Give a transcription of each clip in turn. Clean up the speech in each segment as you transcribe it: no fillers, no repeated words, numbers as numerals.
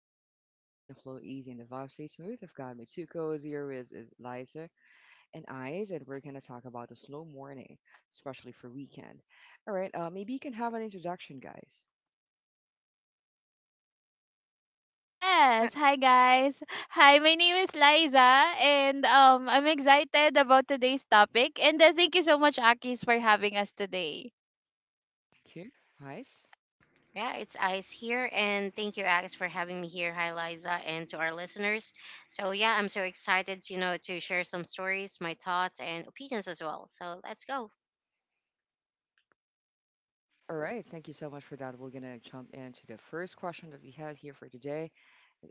zone where conversation flow easy and the vibe stays smooth. I've got my two co-hosts is Liza and Eyes, and we're gonna talk about the slow morning, especially for weekend. All right. Maybe you can have an introduction, guys. Yes, Sure. hi guys. Hi, my name is Liza and I'm excited about today's topic and thank you so much Akis for having us today. Okay. Eyes. Yeah, it's Ice here, and thank you, Alex, for having me here. Hi, Liza, and to our listeners. So yeah, I'm so excited, to share some stories, my thoughts, and opinions as well. So let's go. All right. Thank you so much for that. We're gonna jump into the first question that we have here for today.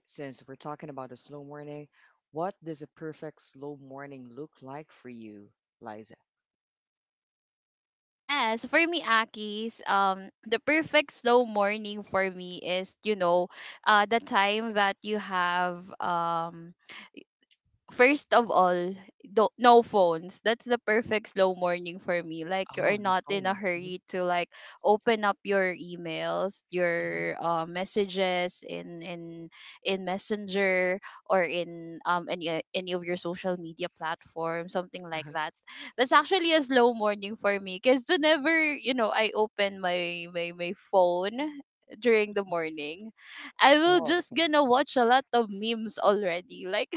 Since we're talking about the slow morning, what does a perfect slow morning look like for you, Liza? Yes, for me Akis, the perfect slow morning for me is, you know, the time that you have first of all, do no phones. That's the perfect slow morning for me. Like you Oh, are on the not in a phone. Hmm. hurry to like open up your emails, Hmm. your messages in Messenger or in any of your social media platform, something like Uh-huh. that. That's actually a slow morning for me because whenever you know I open my phone during the morning, I will Oh, just okay. gonna watch a lot of memes already. Like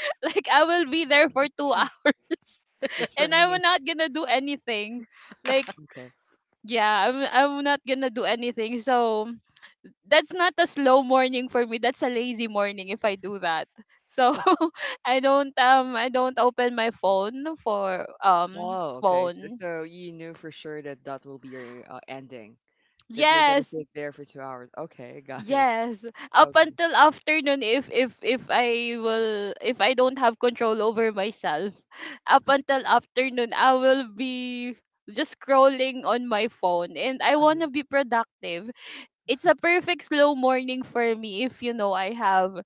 Like I will be there for 2 hours Just for and I'm me. not gonna do anything. Like Okay. yeah, I'm not gonna do anything. So that's not a slow morning for me. That's a lazy morning if I do that. So Ok. I don't open my phone for Oh, okay. So phone. so you knew for sure that that will be your ending, that you'll get to Yes, sit there for 2 hours. Okay, got it. yes, up Okay. until afternoon if I will if I don't have control over myself, up until afternoon I will be just scrolling on my phone and I Uh-huh, want to be productive. It's a perfect slow morning for me if you know I have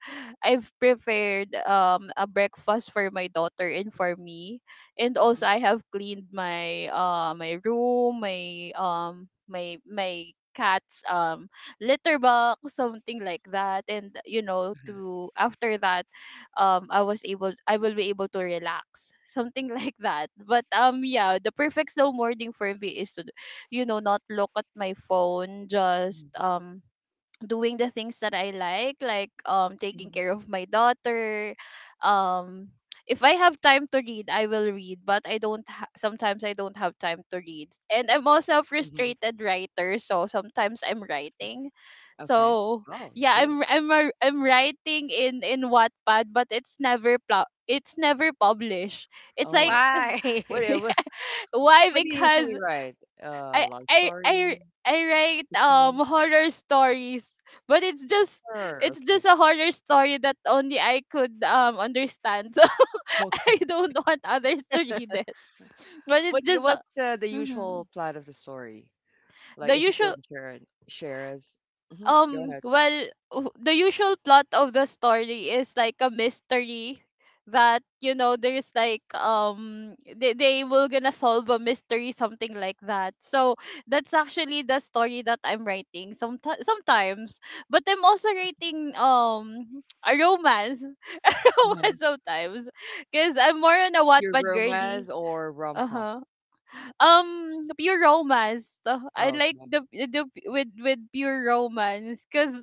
I've prepared a breakfast for my daughter and for me, and uh-huh, also I have cleaned my my room, my my cat's litter box, something like that. And you know, uh-huh. to after that, I was able I will be able to relax something like that. But yeah, the perfect slow morning for me is to you know not look at my phone, just Mhm, doing the things that I like taking mhm, care of my daughter, um if I have time to read, I will read, but I don't ha- sometimes I don't have time to read. And I'm also a mhm. frustrated writer, so sometimes I'm writing. Okay. So Oh, yeah, good. I'm writing in Wattpad, but it's never published. It's like Oh, Why? what do what why? what do you usually Because write? I Love I I story, I write fictional? Horror stories, but Sure, it's just okay. a horror story that only I could understand. Okay. So I don't want others to read it. But it's just What's, the mhm, usual plot of the story? Like, the if you usual could share it- share us. Mhm, go ahead. well, the usual plot of the story is like a mystery that you know there's like they will gonna solve a mystery, something like that. So that's actually the story that I'm writing some sometimes. But I'm also writing a romance Uh-huh. romance sometimes, because I'm more on a Your Wattpad girly. romance or rom-com? Uh-huh. Pure romance. I Oh, like okay. The with pure romance cuz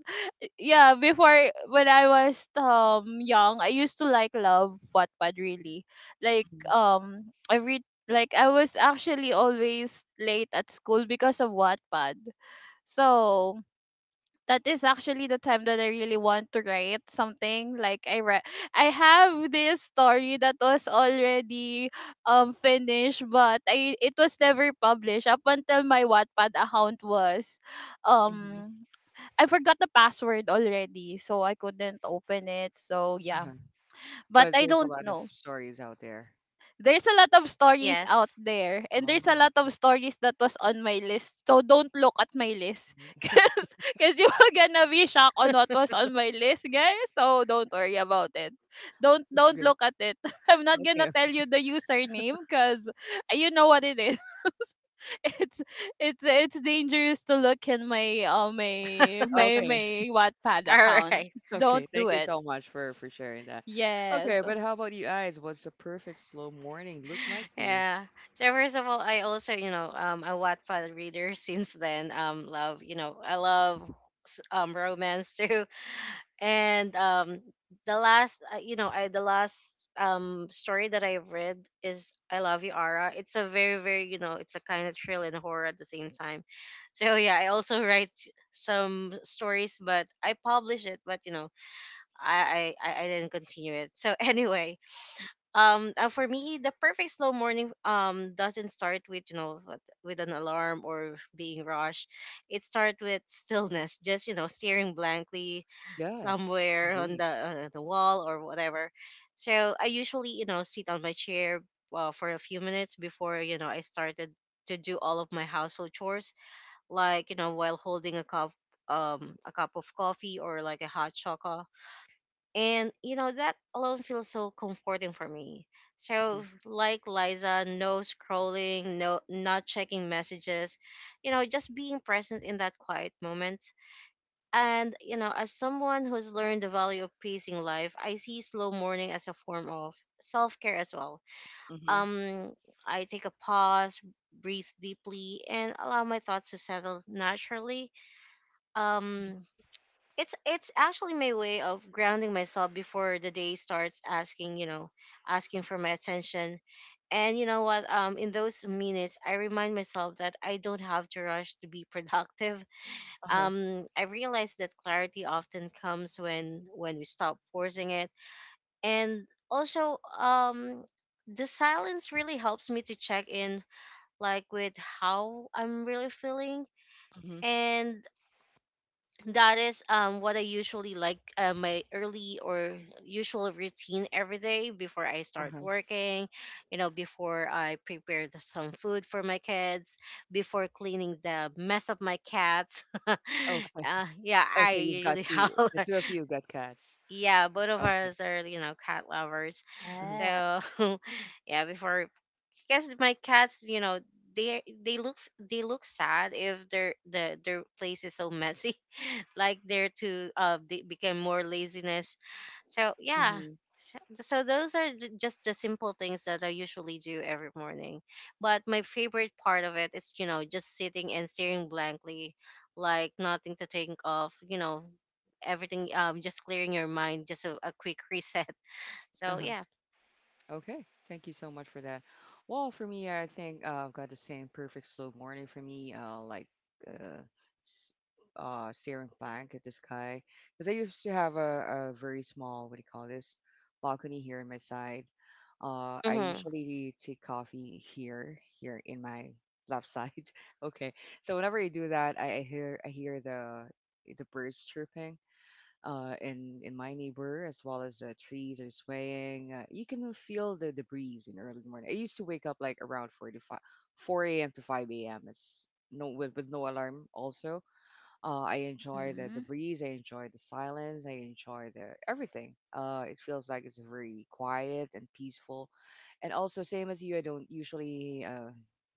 yeah, before when I was young, I used to like love Wattpad really. Like Mm-hmm. Every like I was actually always late at school because of Wattpad. So that is actually the time that I really want to write something. I have this story that was already finished, but I it was never published up until my Wattpad account was Mhm, um I forgot the password already, so I couldn't open it. So yeah, uh-huh. but But I there's a don't lot of know. stories out there. There's a lot of stories out Yes. there, and there's a Oh, lot of stories that was on my list. So don't look at my list, cause, cause you are gonna be shocked on what was on my list, guys. So don't worry about it. Don't okay, don't okay, look at it. I'm not gonna okay, tell you the username, cause you know what it is. it's it's dangerous to look in my my my okay. my Wattpad All account. right. Don't Okay. do Thank you it. so much for sharing that. Okay, Yes. but how about you guys? What's the perfect slow morning look like to you? Yeah. So first of all, I also, a Wattpad reader since then. Love, I love romance too, and the last story that I've read is I love you, Ara. It's a very, very, it's a kind of thrill and horror at the same time. So yeah, I also write some stories, but I publish it. But I didn't continue it, so anyway, for me the perfect slow morning doesn't start with with an alarm or being rushed. It starts with stillness, just staring blankly Yes, somewhere on indeed. the wall or whatever. So I usually sit on my chair for a few minutes before I started to do all of my household chores, like while holding a cup of coffee or like a hot chocolate. And that alone feels so comforting for me. Mm-hmm. So like Liza, no scrolling, no, not checking messages, just being present in that quiet moment. And as someone who's learned the value of pacing life, I see slow morning as a form of self-care as well. Mm-hmm. Um I take a pause, breathe deeply, and allow my thoughts to settle naturally. Um it's actually my way of grounding myself before the day starts asking, asking for my attention. And you know what in those minutes I remind myself that I don't have to rush to be productive. Uh-huh. I realize that clarity often comes when we stop forcing it. And also, the silence really helps me to check in, like with how I'm really feeling. Mm-hmm. And that is what I usually like, my early or usual routine every day before I start Uh-huh. working, before I prepare the, some food for my kids, before cleaning the mess of my cats. Okay. Yeah, Oh, I so you've got really have. two. The two of you got cats. Yeah, both of Okay. us are cat lovers, Uh-huh. Yeah. so yeah, before, because my cats. They look, sad if their place is so messy, like there to, they became more laziness, so yeah. Mm-hmm. so so those are just the simple things that I usually do every morning. But my favorite part of it is just sitting and staring blankly, like nothing to think of, everything, just clearing your mind, just a quick reset. So Uh-huh. yeah. Okay, thank you so much for that. Well, for me, I think I've got the same perfect slow morning for me, like uh, s- staring blank at the sky. Because I used to have a very small, what do you call this, balcony here in my side. I Hmm. usually take coffee here, here in my left side. Okay, so whenever I do that, I hear the birds chirping in my neighbor, as well as trees are swaying. You can feel the breeze in early morning. I used to wake up like around four to five, 4 a.m. to 5 a.m. is no with no alarm. Also, I enjoy the Hmm. breeze. I enjoy the silence. I enjoy the everything. It feels like it's very quiet and peaceful. And also, same as you, I don't usually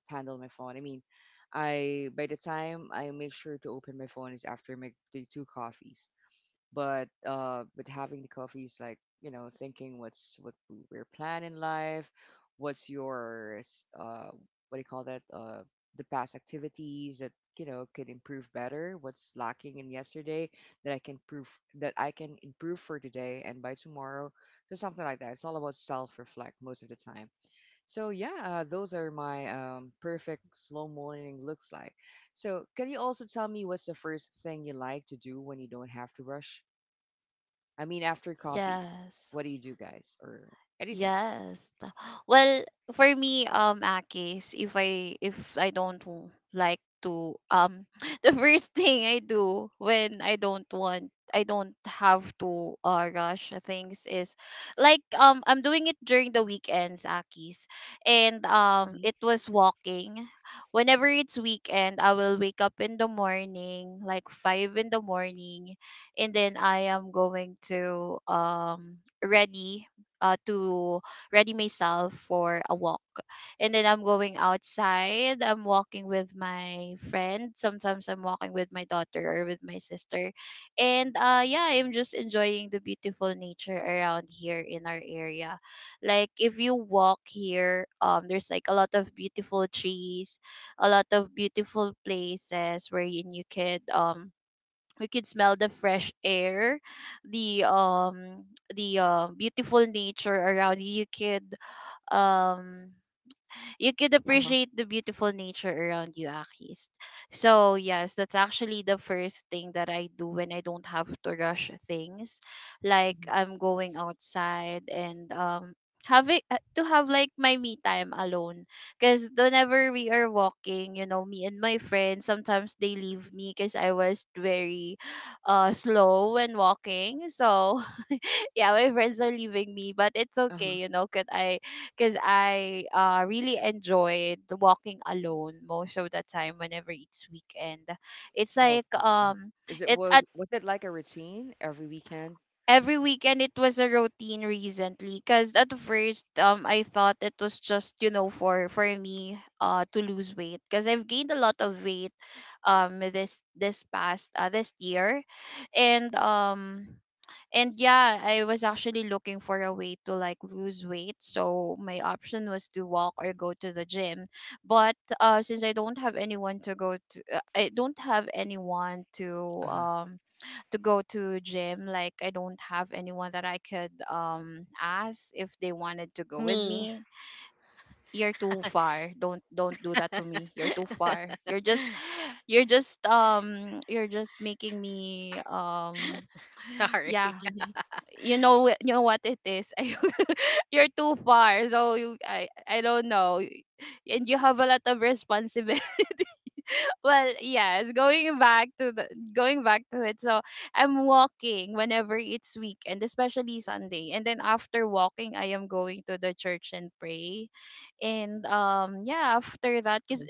handle my phone. I mean, I by the time I make sure to open my phone is after my the two coffees, but with having the coffee is like, you know, thinking what's what your plan in life, what's your what do you call that, the past activities that, you know, could improve better, what's lacking in yesterday that i can prove that I can improve for today and by tomorrow. So something like that. It's all about self reflect most of the time. So yeah, those are my perfect slow morning looks like. So can you also tell me what's the first thing you like to do when you don't have to rush? I mean, after coffee, Yes. what do you do, guys, or anything? Yes. Well, for me, Akis, if I don't w- like to the first thing I do when I don't have to rush things is like I'm doing it during the weekends, Akis, and Mhm. it was walking. Whenever it's weekend, I will wake up in the morning, like 5 in the morning, and then I am going to ready to ready myself for a walk. And then I'm going outside. I'm walking with my friend. Sometimes I'm walking with my daughter or with my sister. And yeah, I'm just enjoying the beautiful nature around here in our area. Like if you walk here, there's like a lot of beautiful trees, a lot of beautiful places wherein you could we could smell the fresh air, the beautiful nature around you. Um you could Uh-huh. appreciate the beautiful nature around you, Akis. So yes, that's actually the first thing that I do when I don't have to rush things. Like, Mhm. I'm going outside and, having to have like my me time alone, because whenever we are walking you know me and my friends sometimes they leave me because I was very slow when walking. So yeah, my friends are leaving me, but it's Uh-huh. okay, you know, because I really enjoyed walking alone most of the time whenever it's weekend. It's Oh, like okay. Mhm. Is it — it at was it like a routine every weekend? every weekend it was a routine recently, because at first I thought it was just you know for me to lose weight because I've gained a lot of weight this past this year, and yeah, I was actually looking for a way to like lose weight. So my option was to walk or go to the gym. But since I don't have anyone to go to I don't have anyone Uh-huh. To go to gym, like I don't have anyone that I could ask if they wanted to go with Me. me. You're too far. Don't do that to me. You're too far. You're just making me Sorry. yeah, Mhm. you know you know what it is. You're too far, so I don't know. And you have a lot of responsibility. Well yes, going back to it. So I'm walking whenever it's weekend, especially Sunday, and then after walking I am going to the church and pray. And yeah, after that, cause Mhm.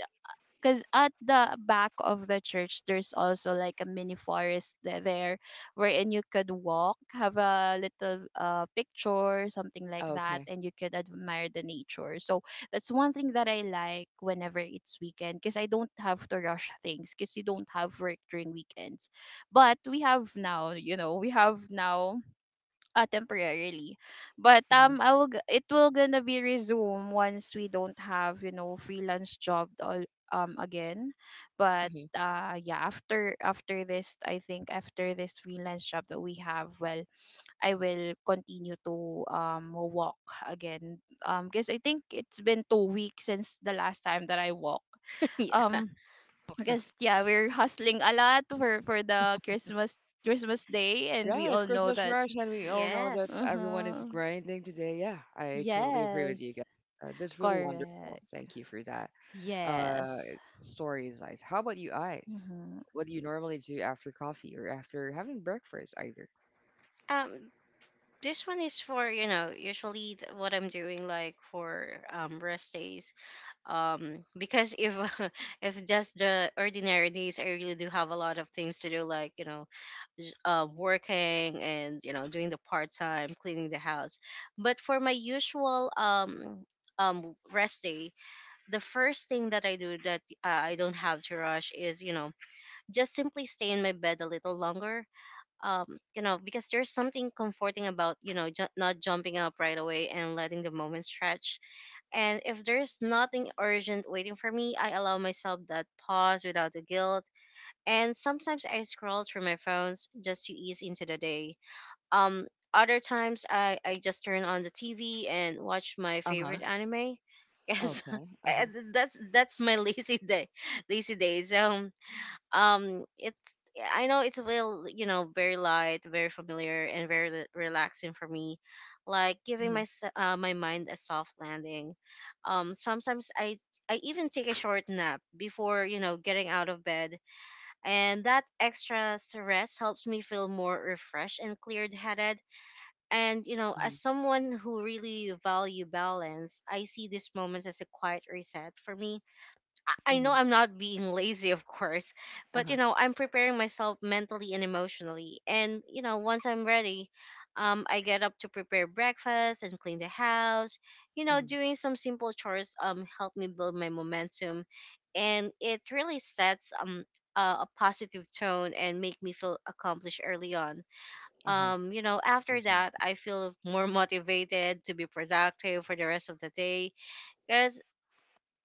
because at the back of the church there's also like a mini forest, there wherein you could walk, have a little picture, something like Oh, that, okay. and you could admire the nature. So that's one thing that I like whenever it's weekend, because I don't have to rush things because you don't have work during weekends. But we have now, you know, we have now temporarily, but Mhm. It will gonna be resume once we don't have you know freelance job all again. But Uh-huh. Yeah, after after this I think after this freelance job that we have, well, I will continue to walk again, because I think it's been 2 weeks since the last time that I walk, Yeah. um Okay. because yeah, we're hustling a lot for the Christmas, Christmas day, and we Yeah, it's all know Christmas that. rush, and we all know that Yes. everyone is Uh-huh. grinding today. Yeah, I totally agree with you Yes. guys. That's really wonderful. Correct. Thank you for that. Uh, Yes. stories, Eyes. How about you, Eyes? Mm-hmm. What do you normally do after coffee or after having breakfast, either? um This one is for, usually what I'm doing, like, for rest days. Because if if just the ordinary days I really do have a lot of things to do, like working and doing the part time cleaning the house. But for my usual rest day, the first thing that I do that I don't have to rush is just simply stay in my bed a little longer, um because there's something comforting about not jumping up right away and letting the moment stretch. And if there's nothing urgent waiting for me, I allow myself that pause without the guilt. And sometimes I scroll through my phones just to ease into the day. um other times I just turn on the TV and watch my Uh-huh. favorite anime. Yes, Okay. Uh. that's my lazy days. It's I know it's will, very light, very familiar, and very relaxing for me, like giving my Mhm, my mind a soft landing. Sometimes I even take a short nap before getting out of bed, and that extra stress helps me feel more refreshed and cleared headed. And as mhm, someone who really value balance, I see these moments as a quiet reset for me. I know mhm. I'm not being lazy, of course, but Uh-huh. I'm preparing myself mentally and emotionally. And once I'm ready, I get up to prepare breakfast and clean the house. Mhm. Doing some simple chores help me build my momentum, and it really sets a positive tone and make me feel accomplished early on. Uh-huh. After that, Exactly. I feel more motivated to be productive for the rest of the day, because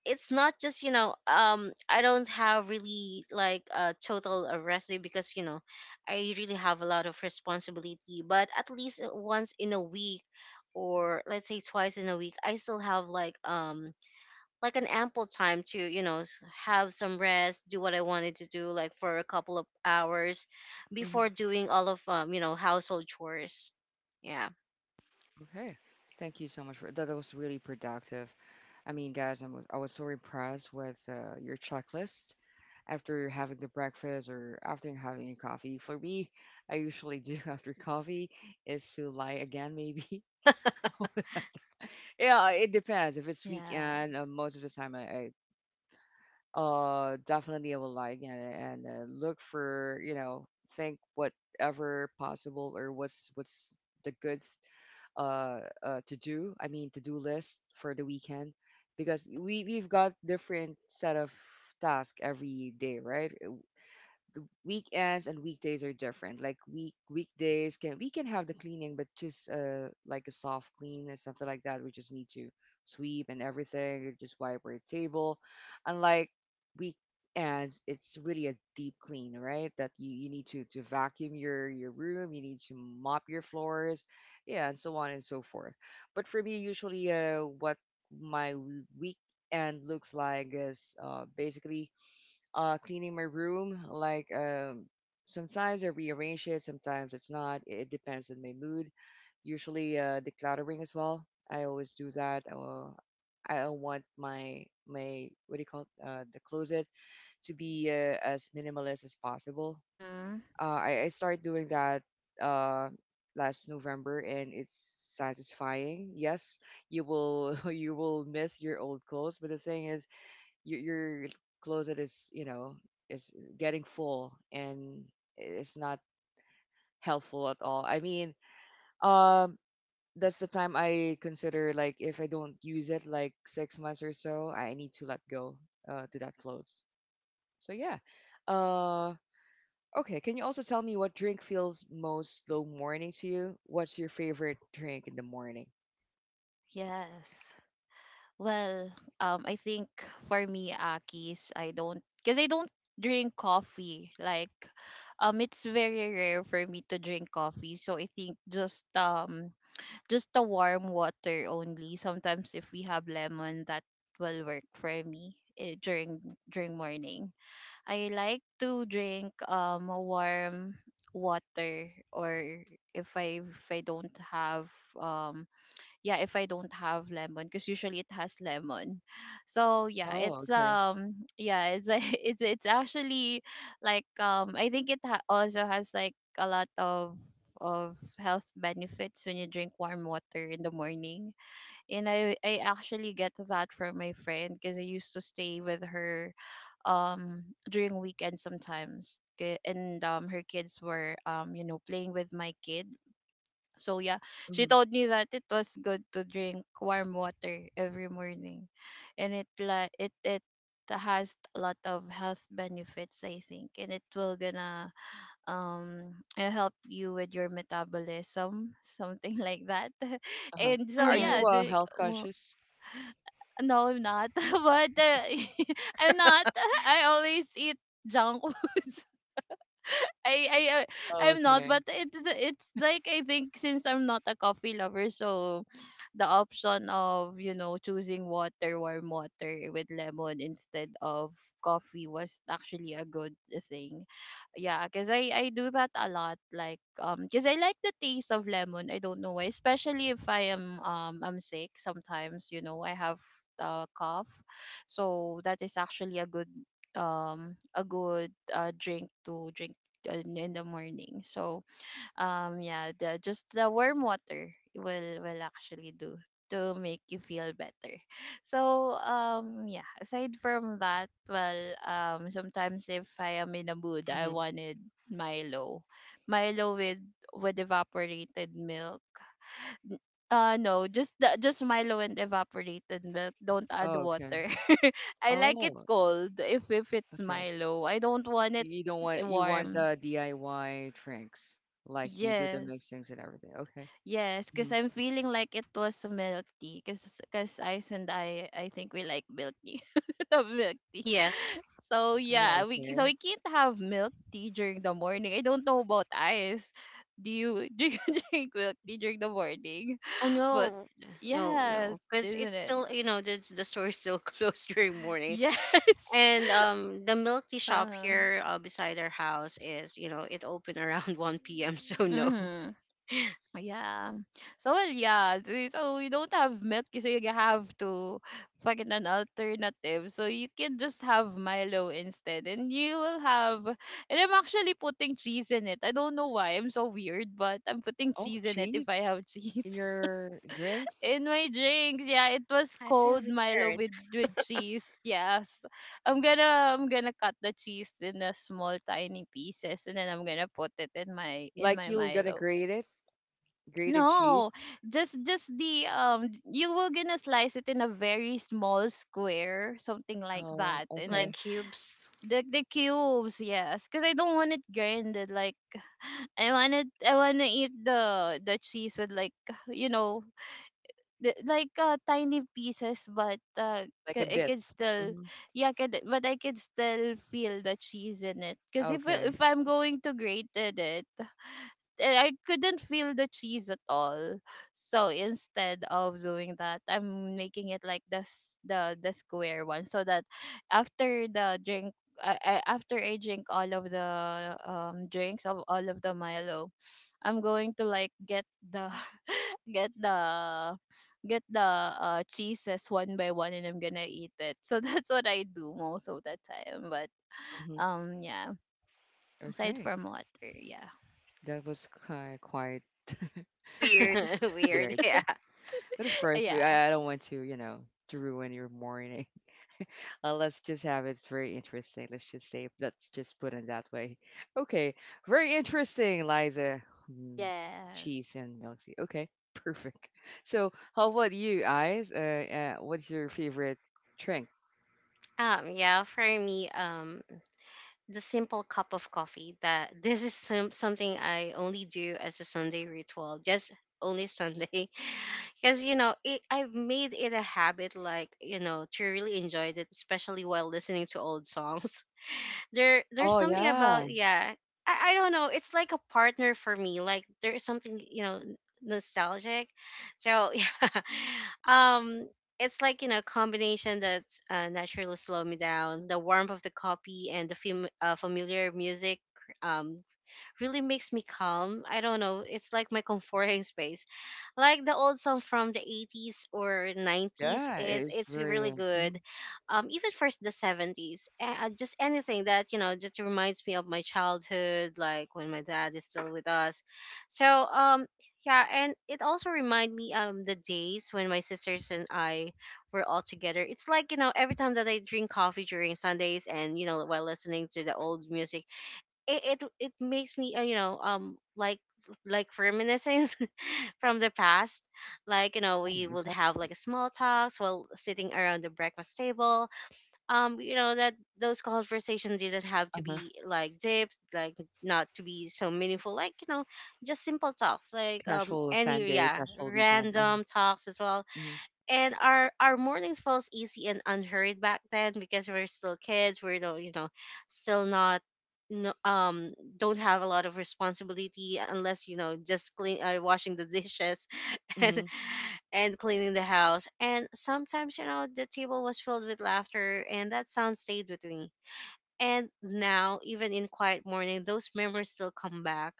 it's not just I don't have really like a total, rest day because I really have a lot of responsibility. But at least once in a week, or let's say twice in a week, I still have like, like an ample time to, have some rest, do what I wanted to do like for a couple of hours Mhm. before doing all of, household chores. Yeah. Okay. Thank you so much for that. That was really productive. I mean, guys, I was so impressed with your checklist after having the breakfast or after having a coffee. For me, I usually do after coffee is to lie again, maybe. Yeah, it depends. If it's Yeah. weekend, most of the time I definitely I will like and look for, you know, think whatever possible, or what's the good to do. I mean, to do list for the weekend, because we've got different set of tasks every day, right? The weekends and weekdays are different. Like weekdays, can we can have the cleaning, but just like a soft clean and something like that. We just need to sweep and everything, and just wipe our table. Unlike weekends, it's really a deep clean, right? That you need to vacuum your room, you need to mop your floors, yeah, and so on and so forth. But for me, usually, what my weekend looks like is basically cleaning my room. Like sometimes I rearrange it, sometimes it's not. It depends on my mood. Usually decluttering as well. I always do that. I don't want my what do you call it, the closet to be as minimalist as possible. Mm-hmm. I started doing that uh, last November, and it's satisfying. Yes, you will you will miss your old clothes, but the thing is, your your closet is, you know, is getting full, and it's not helpful at all. I mean, um that's the time I consider, like, if I don't use it like 6 months or so I need to let go, to that clothes. So yeah. uh okay, can you also tell me what drink feels most slow morning to you? What's your favorite drink in the morning? Yes. Well, I think for me, Akis, I don't, because I don't drink coffee. Like, it's very rare for me to drink coffee. So I think just the warm water only. Sometimes if we have lemon, that will work for me eh, during during morning. I like to drink a warm water, or if I don't have yeah, if I don't have lemon, because usually it has lemon. So yeah, Oh, it's okay. Yeah, it's actually like I think also has like a lot of health benefits when you drink warm water in the morning. And I actually get that from my friend because I used to stay with her um during weekends sometimes. 'Kay, and her kids were you know playing with my kid, so yeah, she Hmm. told me that it was good to drink warm water every morning, and it like it has a lot of health benefits I think, and it will gonna help you with your metabolism something like that. Uh-huh. And mm so Are yeah, you hmm the, health conscious? no, I'm not. But uh, I'm not. I always eat junk foods. I I I- I'm not, Okay. but it's like I think since I'm not a coffee lover, so the option of you know choosing water, warm water with lemon instead of coffee was actually a good thing. Yeah, cause I do that a lot. Like cause I like the taste of lemon. I don't know why, especially if I am I'm sick. Sometimes, you know, I have a cough, so that is actually a good drink to drink in the morning. So yeah, the just the warm water will actually do to make you feel better. So yeah, aside from that, well, sometimes if I am in a mood, I Hmm. wanted Milo. Milo with evaporated milk. N- no, just the, just Milo and evaporated milk. Don't add Okay. water. I like it Oh. cold if it's Okay. Milo. I don't want it You don't want — you want warm. the DIY drinks, like you do the Yes. mixings and everything. Okay. Yes, Hmm. because I'm feeling like it was a milk tea. Because Ice and I think we like milk tea. Love milk tea. yes. So Oh, yeah, we so okay. we can't have milk tea during the morning. I don't know about Ice. Do you do you drink milk tea during the morning? Oh But no, no, yes, no, because isn't it's it? still the store is still closed during morning, Yes. and the milk tea shop Uh-huh. here, beside our house, is it opened around 1 p.m. So no, Mm-hmm. Yeah. So well, yeah. So, so you don't have milk, so you have to find an alternative. So you can just have Milo instead, and you will have. And I'm actually putting cheese in it. I don't know why. I'm so weird, but I'm putting Oh, cheese in it if cheese I have cheese in your drinks? in my drinks. Yeah, it was that's so cold Milo weird. with cheese. Yes, I'm gonna cut the cheese in a small tiny pieces, and then I'm gonna put it in my Like you're gonna Milo. grate it, grated cheese? No, just the, you will gonna slice it in a very small square, something like Oh, that, and Like then okay. cubes. the cubes, yes, because I don't want it grinded. Like I want it, I want to eat the cheese with like you know the, like tiny pieces, but Like a it bit. could still Hmm. yeah, could, but I could still feel the cheese in it. Because Okay. if I'm going to grate it, and I couldn't feel the cheese at all. So instead of doing that, I'm making it like the square one, so that after the drink, after I drink all of the drinks of all of the Milo, I'm going to like get the get the get the cheeses one by one, and I'm gonna eat it. So that's what I do most of the time. But Hmm. Yeah, aside Okay. from water, yeah, That was kind quite yeah, weird, Weird. weird. Yeah. But of course, yeah. I don't want to, you know, to ruin your morning. Let's just have it. It's very interesting. Let's just say, let's just put it that way. Okay, very interesting, Liza. Mm, Yes. cheese and milk tea. Okay, perfect. So, how about you, Eyes? What's your favorite drink? Yeah. For me. The simple cup of coffee that this is something I only do as a Sunday ritual, just only Sunday. Because, it, I've made it a habit, like, to really enjoy it, especially while listening to old songs. There's Oh something about, yeah, yeah, I don't know, it's like a partner for me, like there is something, nostalgic. So yeah. um it's like, combination that's, naturally slow me down, the warmth of the copy and the familiar music. um really makes me calm. I don't know. It's like my comforting space, like the old song from the 80s or 90s yeah. is It's it's very really good. mhm, Even first the 70s. Just anything that, just reminds me of my childhood, like when my dad is still with us. So, yeah, and it also remind me the days when my sisters and I were all together. It's like, every time that I drink coffee during Sundays and, while listening to the old music, it makes me, like reminiscing from the past, like oh, we would have like small talks while sitting around the breakfast table, that those conversations didn't have to be uh-huh. like deep, like not to be so meaningful, like just simple talks like, Casual any, Sunday, yeah, casual weekend. Uh-huh. random talks as well. Mm-hmm. And our mornings falls easy and unhurried back then because we're still kids. We're no, still not, no, don't have a lot of responsibility, unless just clean washing the dishes and Hmm. and cleaning the house. And sometimes the table was filled with laughter, and that sound stayed with me. And now, even in quiet morning, those memories still come back.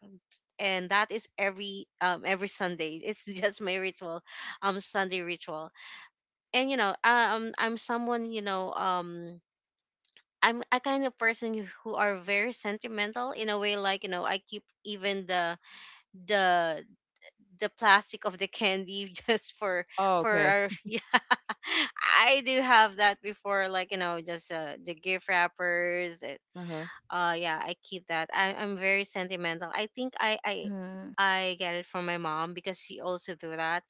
And that is every, every Sunday. It's just my ritual, Sunday ritual. And I'm someone, I'm a kind of person who are very sentimental in a way, like I keep even the, the the plastic of the candy just for Oh, for okay. our yeah. I do have that before, like just, the gift wrappers. It, Uh-huh. Yeah, I keep that. I'm very sentimental, I think i i Mm-hmm. i get it from my mom, because she also do that,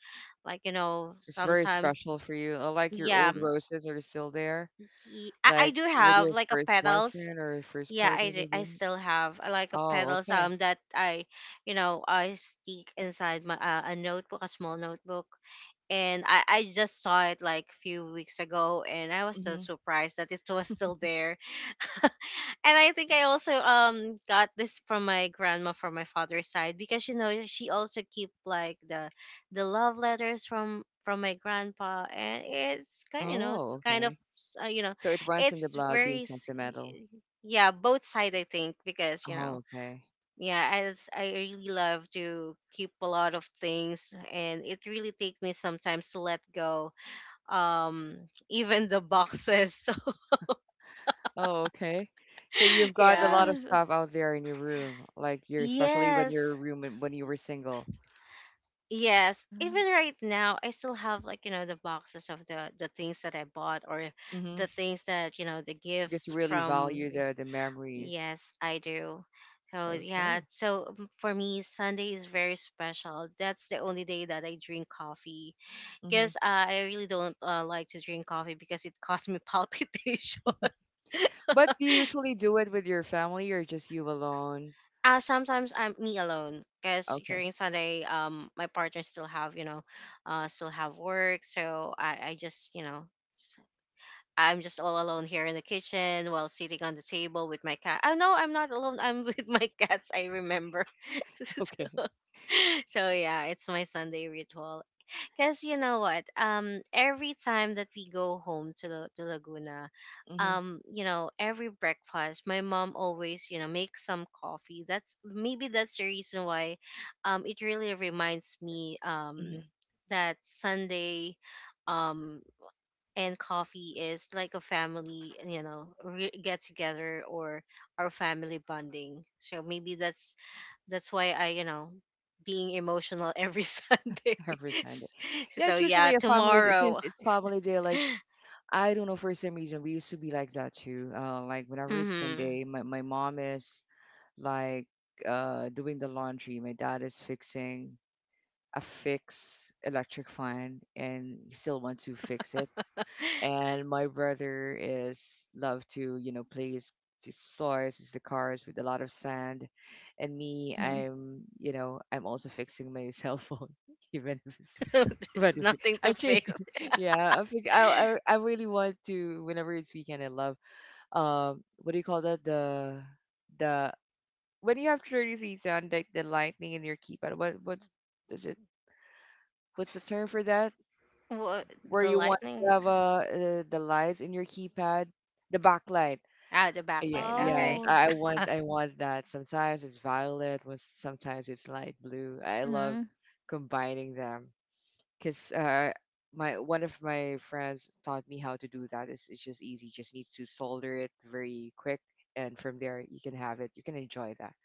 like It's very sometimes. special for you. I like your Yeah. old roses are still there. I Like, do with have your like a first petals. boyfriend or your first Yeah, i partner, s- i maybe? still have, like a Oh, petals, okay. That I, I stick inside my a small notebook. And I just saw it like a few weeks ago, and I was so Mhm. surprised that it was still there. And I think I also, got this from my grandma from my father's side, because she also keep like the love letters from my grandpa. And it's kind of, Oh, it's kind okay. of, So it runs in the it's blood, being very sentimental. yeah, both side, I think, because Oh, okay. yeah, as I really love to keep a lot of things, and it really take me sometimes to let go, um even the boxes So Oh, okay. So you've got a yeah. lot of Yes. stuff out there in your room, like you're especially when your Yes. room and when you were single. Yes, Mm-hmm. even right now I still have, like, you know, the boxes of the things that I bought, or Mm-hmm. the things that, you know, the Just gifts really from. value the memories. Yes, I do. So yeah, Okay. so for me, Sunday is very special. That's the only day that I drink coffee Mm-hmm. because I really don't like to drink coffee because it causes me palpitation. But do you usually do it with your family or just you alone? Uh, sometimes I'm me alone because Okay. during Sunday, my partner still have, you know, still have work, so I just. I'm just all alone here in the kitchen while sitting on the table with my cat. Oh no, I'm not alone. I'm with my cats, I remember. So, Okay. so yeah, it's my Sunday ritual. Cause you know what? Every time that we go home to to Laguna, Mm-hmm. You know, every breakfast, my mom always, you know, makes some coffee. That's maybe that's the reason why, it really reminds me, that Sunday, um and coffee is like a family, you know, get together, or our family bonding. So maybe that's why I, you know, being emotional every Sunday. Every Sunday. S- Yeah, so it's yeah, usually a family tomorrow. since it's family day, like I don't know for some reason we used to be like that too. Like whenever it's Hmm. Sunday, my mom is like doing the laundry, my dad is fixing a fix electric fan, and he still wants to fix it. And my brother is love to, you know, play his stores, his the cars with a lot of sand, and me, Mm-hmm. I'm, you know, I'm also fixing my cell phone, even if it's There's Battlefield. nothing to Actually, fix. yeah, I think I really want to whenever it's weekend. I love what do you call that? The when you have 30 seats on like the lightning in your keypad. What's does it? What's the term for that? What, Where the you want Oh. to lightning? have the lights in your keypad, the backlight. Ah, the Yeah, backlight. yes, Okay. Oh, I want that. Sometimes it's violet, was sometimes it's light blue. I love mm-hmm. combining them, because my one of my friends taught me how to do that. It's just easy. Just need to solder it very quick, and from there you can have it. You can enjoy that.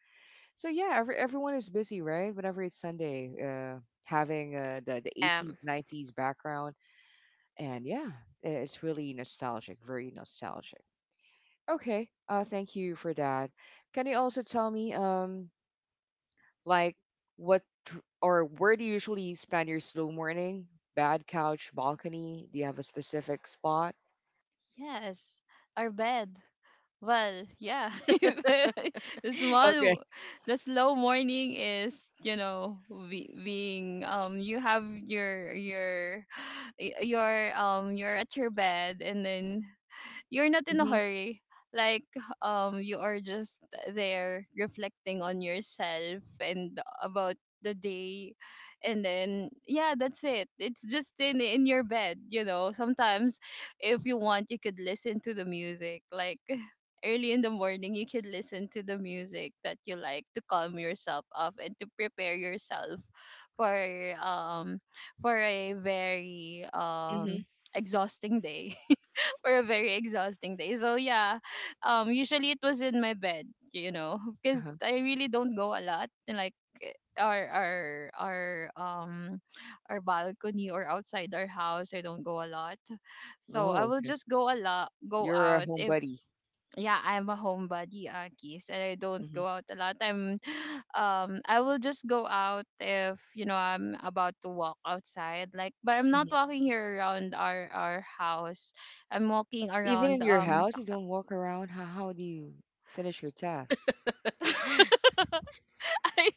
So yeah, everyone is busy, right? Whenever it's Sunday, having the the 80s, Um. 90s background, and yeah, it's really nostalgic, very nostalgic. Okay, thank you for that. Can you also tell me? Like, what or where do you usually spend your slow morning? Bad couch, balcony? Do you have a specific spot? Yes. Our bed. Well, yeah. the Okay. small The slow morning is, you know, being you have your your you're at your bed, and then you're not in a Mm-hmm. hurry, like, you are just there reflecting on yourself and about the day. And then yeah, that's it. It's just in your bed. You know, sometimes if you want, you could listen to the music, like, early in the morning, you could listen to the music that you like to calm yourself off and to prepare yourself for um for a very Mm-hmm. Exhausting day or a very exhausting day. So yeah, usually it was in my bed, you know, because Uh-huh. I really don't go a lot. And, like, eh, our our um our balcony or outside our house, I don't go a lot. So I Oh, will okay. just go a lot, go You're a out if homebody. yeah, I'm a homebody, Akis, and I don't Mm-hmm. go out a lot. I'm, I will just go out if you know I'm about to walk outside. Like, but I'm not Mm-hmm. walking here around our house. I'm walking Even in around your um. house, Tak, you tak. don't walk around. How do you finish your task? I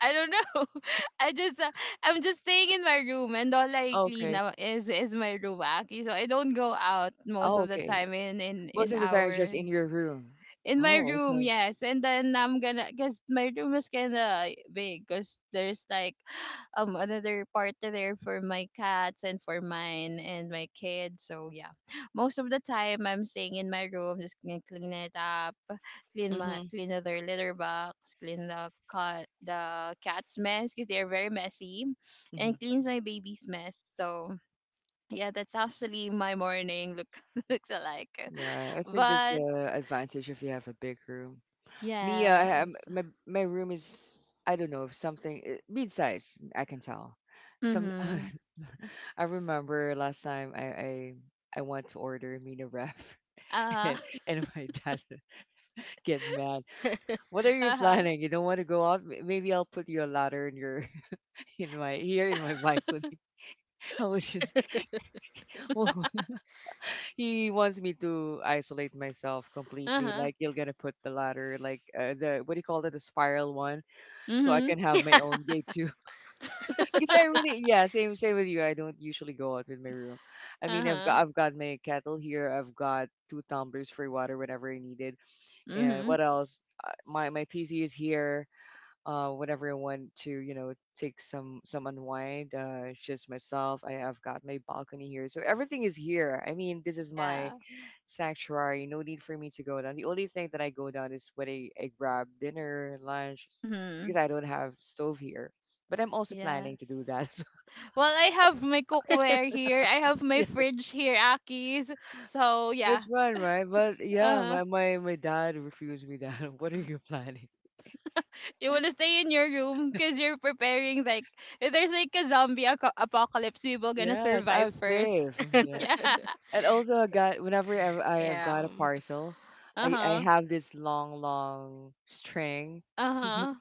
don't know. I just I'm just staying in my room, and all I clean Okay. up is my room, Aki. So I don't go out most Oh, of the okay. time in in Most in of the time, it's just our in your room. in my Oh, room, okay. yes. And then I'm gonna, because my room is kinda big, because there's like another part there for my cats and for mine and my kids. So yeah, most of the time I'm staying in my room, just gonna clean it up, clean my Mm-hmm. clean other litter box, clean the cat the cat's mess because they're very messy, Mm-hmm. and cleans my baby's mess. So yeah, that's actually my morning look looks like. Yeah, I think there's But the advantage if you have a big room. Me, yes. My room is I don't know if something mid-size. I can tell. Some Mhm. I remember last time I went to order a mini wrap and Uh-huh. My dad get mad. What are you Uh-huh. planning? You don't want to go out? Maybe I'll put you a ladder in your in my here in my balcony. I was just well, he wants me to isolate myself completely. Uh-huh. Like you're gonna put the ladder, like the what do you call it, the spiral one, so I Mhm. can have my Yeah. own gate too. Because I really, yeah, same with you. I don't usually go out with my room. I mean, Uh-huh. I've got my kettle here. I've got two tumblers for water whenever I need it. And Mhm. what else? My my PC is here. Whenever I want to, you know, take some unwind. It's just myself. I have got my balcony here, so everything is here. I mean, this is my Yeah. sanctuary. No need for me to go down. The only thing that I go down is when I grab dinner, lunch, Mhm. because I don't have stove here. But I'm also Yes. planning to do that. Well, I have my cookware here. I have my Yeah, fridge here, Akis. So, it's yeah. fun, right? But yeah, Uh-huh. my my dad refused me that. What are you planning? You want to stay in your room because you're preparing, like, if there's like a zombie apocalypse, we will gonna Yes, I'm survive first. safe. Yeah, Yeah. and also I got whenever I have got a parcel, Uh I huh. have this long string, Uh huh.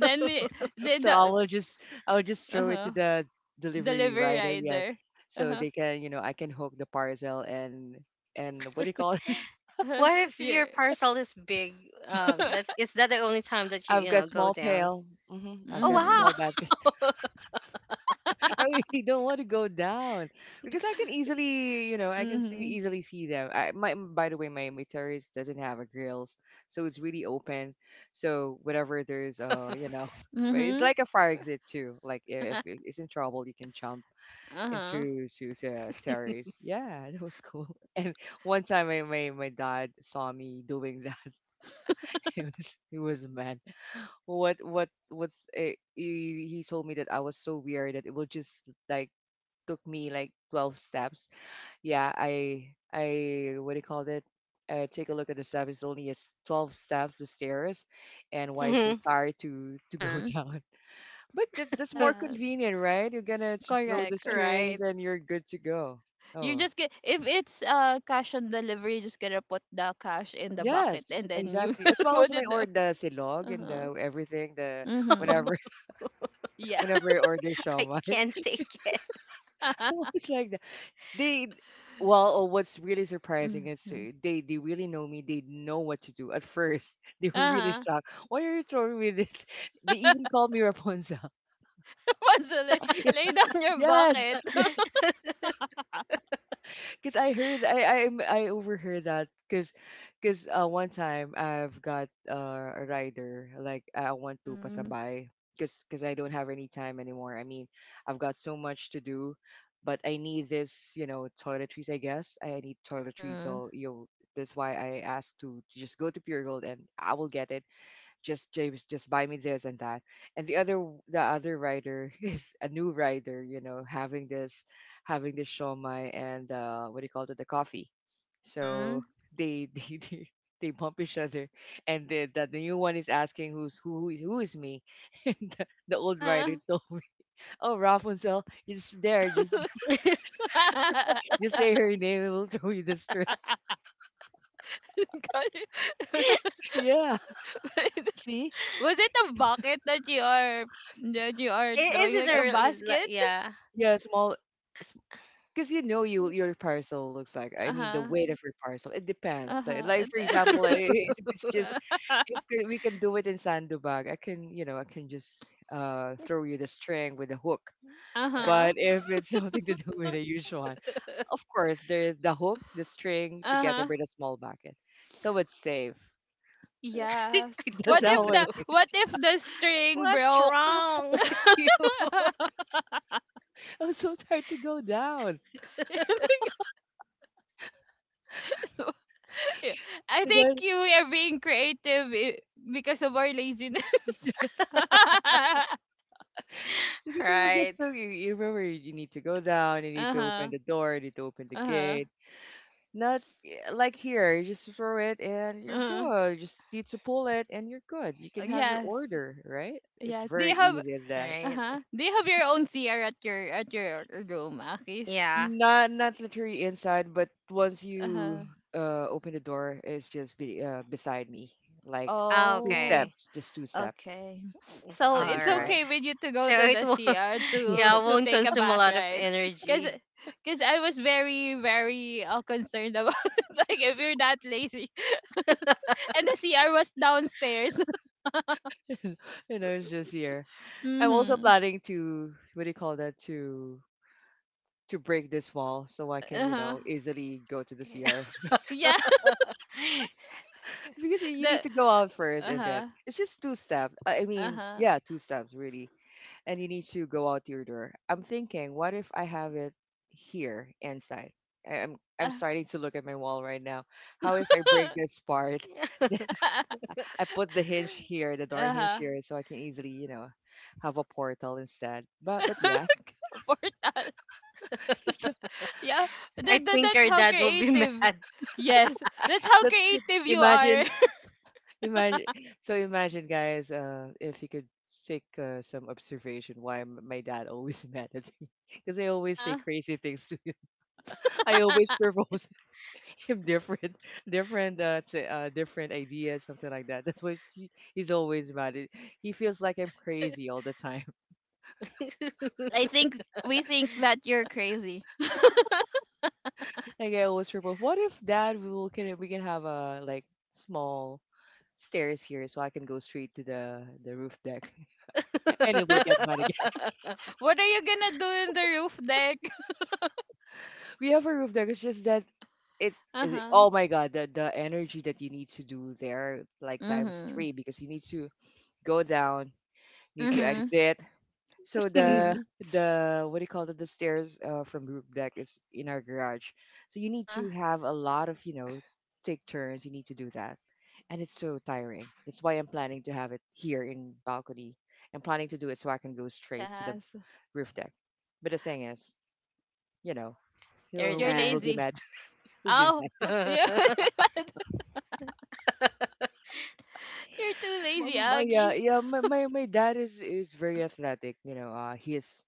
Yeah. So the I will just uh throw it to huh. the delivery Delivery rider. Yeah, rider. so Uh-huh. they can, you know, I can hook the parcel and what do you call it? What if Yeah. your parcel is big? That is that the only time that you I've you got know, go small down? pail. Hmm, I've Oh, got Mhm. small basket. wow! I really don't want to go down because I can easily, you know, I can see Mhm. easily see them. I my By the way, my terrace doesn't have a grills, so it's really open. So whenever there's you know, it's Mhm. like a fire exit too. Like if it is in trouble, you can jump Uh-huh. into to the terrace. Yeah, that was cool. And one time, my dad saw me doing that. It was mad. What's it? He told me that I was so weird that it will just like took me like 12 steps. Yeah, I what do you call it? Take a look at the steps. It's only is 12 steps, the stairs, and why so Mhm. tired to go Mhm. down. But that's more Yes. convenient, right? You're gonna throw the Correct. strings Right. and you're good to go. You Oh, just get, if it's cash on delivery, you just gotta put the cash in the bucket yes, and then you exactly. As well as put my it down. order, the silog and Uh-huh. the everything, the Mhm. whenever Yeah. whenever I order I shawmai, can't take it. it's like they well, oh, what's really surprising is Mhm. They really know me, they know what to do. At first they were really Uh-huh. shocked, why are you throwing me this? They even called me Rapunzel. Once you lay, lay down your Yes, bucket. I- yes. Because I heard I overheard that because one time I've got a rider, like I want to Mhm. pasabay because I don't have any time anymore. I mean, I've got so much to do, but I need this, you know, toiletries. I guess I need toiletries. Mhm. So you know, that's why I asked to just go to Pure Gold and I will get it. Just James, just buy me this and that. And the other rider is a new rider, you know, having this shomai and what do you call it, the coffee. So Mhm. they they bump each other, and the new one is asking who is me. And the old rider Uh-huh. told me, "Oh, Rapunzel, you just there, just just say her name, it will throw you the string." Got it. Yeah, see, Was it a bucket that you are Is throwing it uh, like a a really? Basket? Yeah. yeah, small. Because you know your parcel looks like, I mean, the Uh-huh. weight of your parcel it depends, Uh-huh. like for example like, if it's just if we can do it in sandbag, I can, you know, I can just throw you the string with a hook, Uh-huh. but if it's something to do with a huge one, of course there's the hook, the string together Uh-huh. with a small bucket, so it's safe. Yes. I What That's don't how if it know. works. The string What's broke? wrong with you? I'm so tired to go down I and think then you are being creative because of our laziness. yes, Uh-huh. because we will just Right, tell you, you remember you need to go down, you need to open the door, you need to open the Uh-huh. gate. Not y- Like here, you just throw it and you're Uh, good. You just need to pull it and you're good. You can have your yes. order, right? It's Yes. Do you very have easy as that. right. uh-huh. Do you have your own CR at your room, Akis? Yeah. Not not literally inside, but once you Uh-huh. Open the door, it's just be beside me, like two Oh. Okay. steps, just two steps Okay. So from All the it's door. right. okay with you to go So to it the will. CR Yes. Yeah, to won't take a consume a bath, lot of right? Cause, energy. Cause I was very, very concerned about like if you're that lazy, and the CR was downstairs. You know, it's just here. I'm also Mm-hmm. planning to what do you call that, to break this wall so I can, Uh you huh. know, easily go to the CR. Yeah. Because you The. need to go out first Uh and then huh. it's just two steps. I Uh mean, huh. yeah, two steps really, and you need to go out your door. I'm thinking, what if I have it here inside? I'm Yeah. starting to look at my wall right now. How if I break this part? I put the hinge here, the door hinge Uh-huh. here, so I can easily, you know, have a portal instead. But yeah, Portal. so Yeah. I That think that's your how dad will be creative. mad. Yes. That's how that's creative you imagine. are. Imagine, so imagine, guys, if you could take some observation why my dad always mad at me, because I always say Uh-huh. crazy things to him. I always propose him different, different ideas, something like that. That's why he's always mad. He feels like I'm crazy all the time. Well, I think we think that you're crazy. Like I always propose, what if, dad, we can have a, like, small stairs here so I can go straight to the roof deck and it will get mad. What are you gonna do in the roof deck? We have a roof deck. It's just that Uh-huh. oh my god, the energy that you need to do there, like, times Mm-hmm. three, because you need to go down, need to Mm-hmm. exit. So Mm-hmm. the what do you call it? The stairs from roof deck is in our garage. So you need Uh-huh. to have a lot of, you know, take turns. You need to do that, and it's so tiring. That's why I'm planning to have it here in balcony. I'm planning to do it so I can go straight to the Yes. roof deck. But the thing is, you know, Your he'll You're we will get lazy. dad. mad, will be Oh, mad. yeah. You're too lazy, yeah, Aggies. yeah. My my dad is very athletic. You know, he is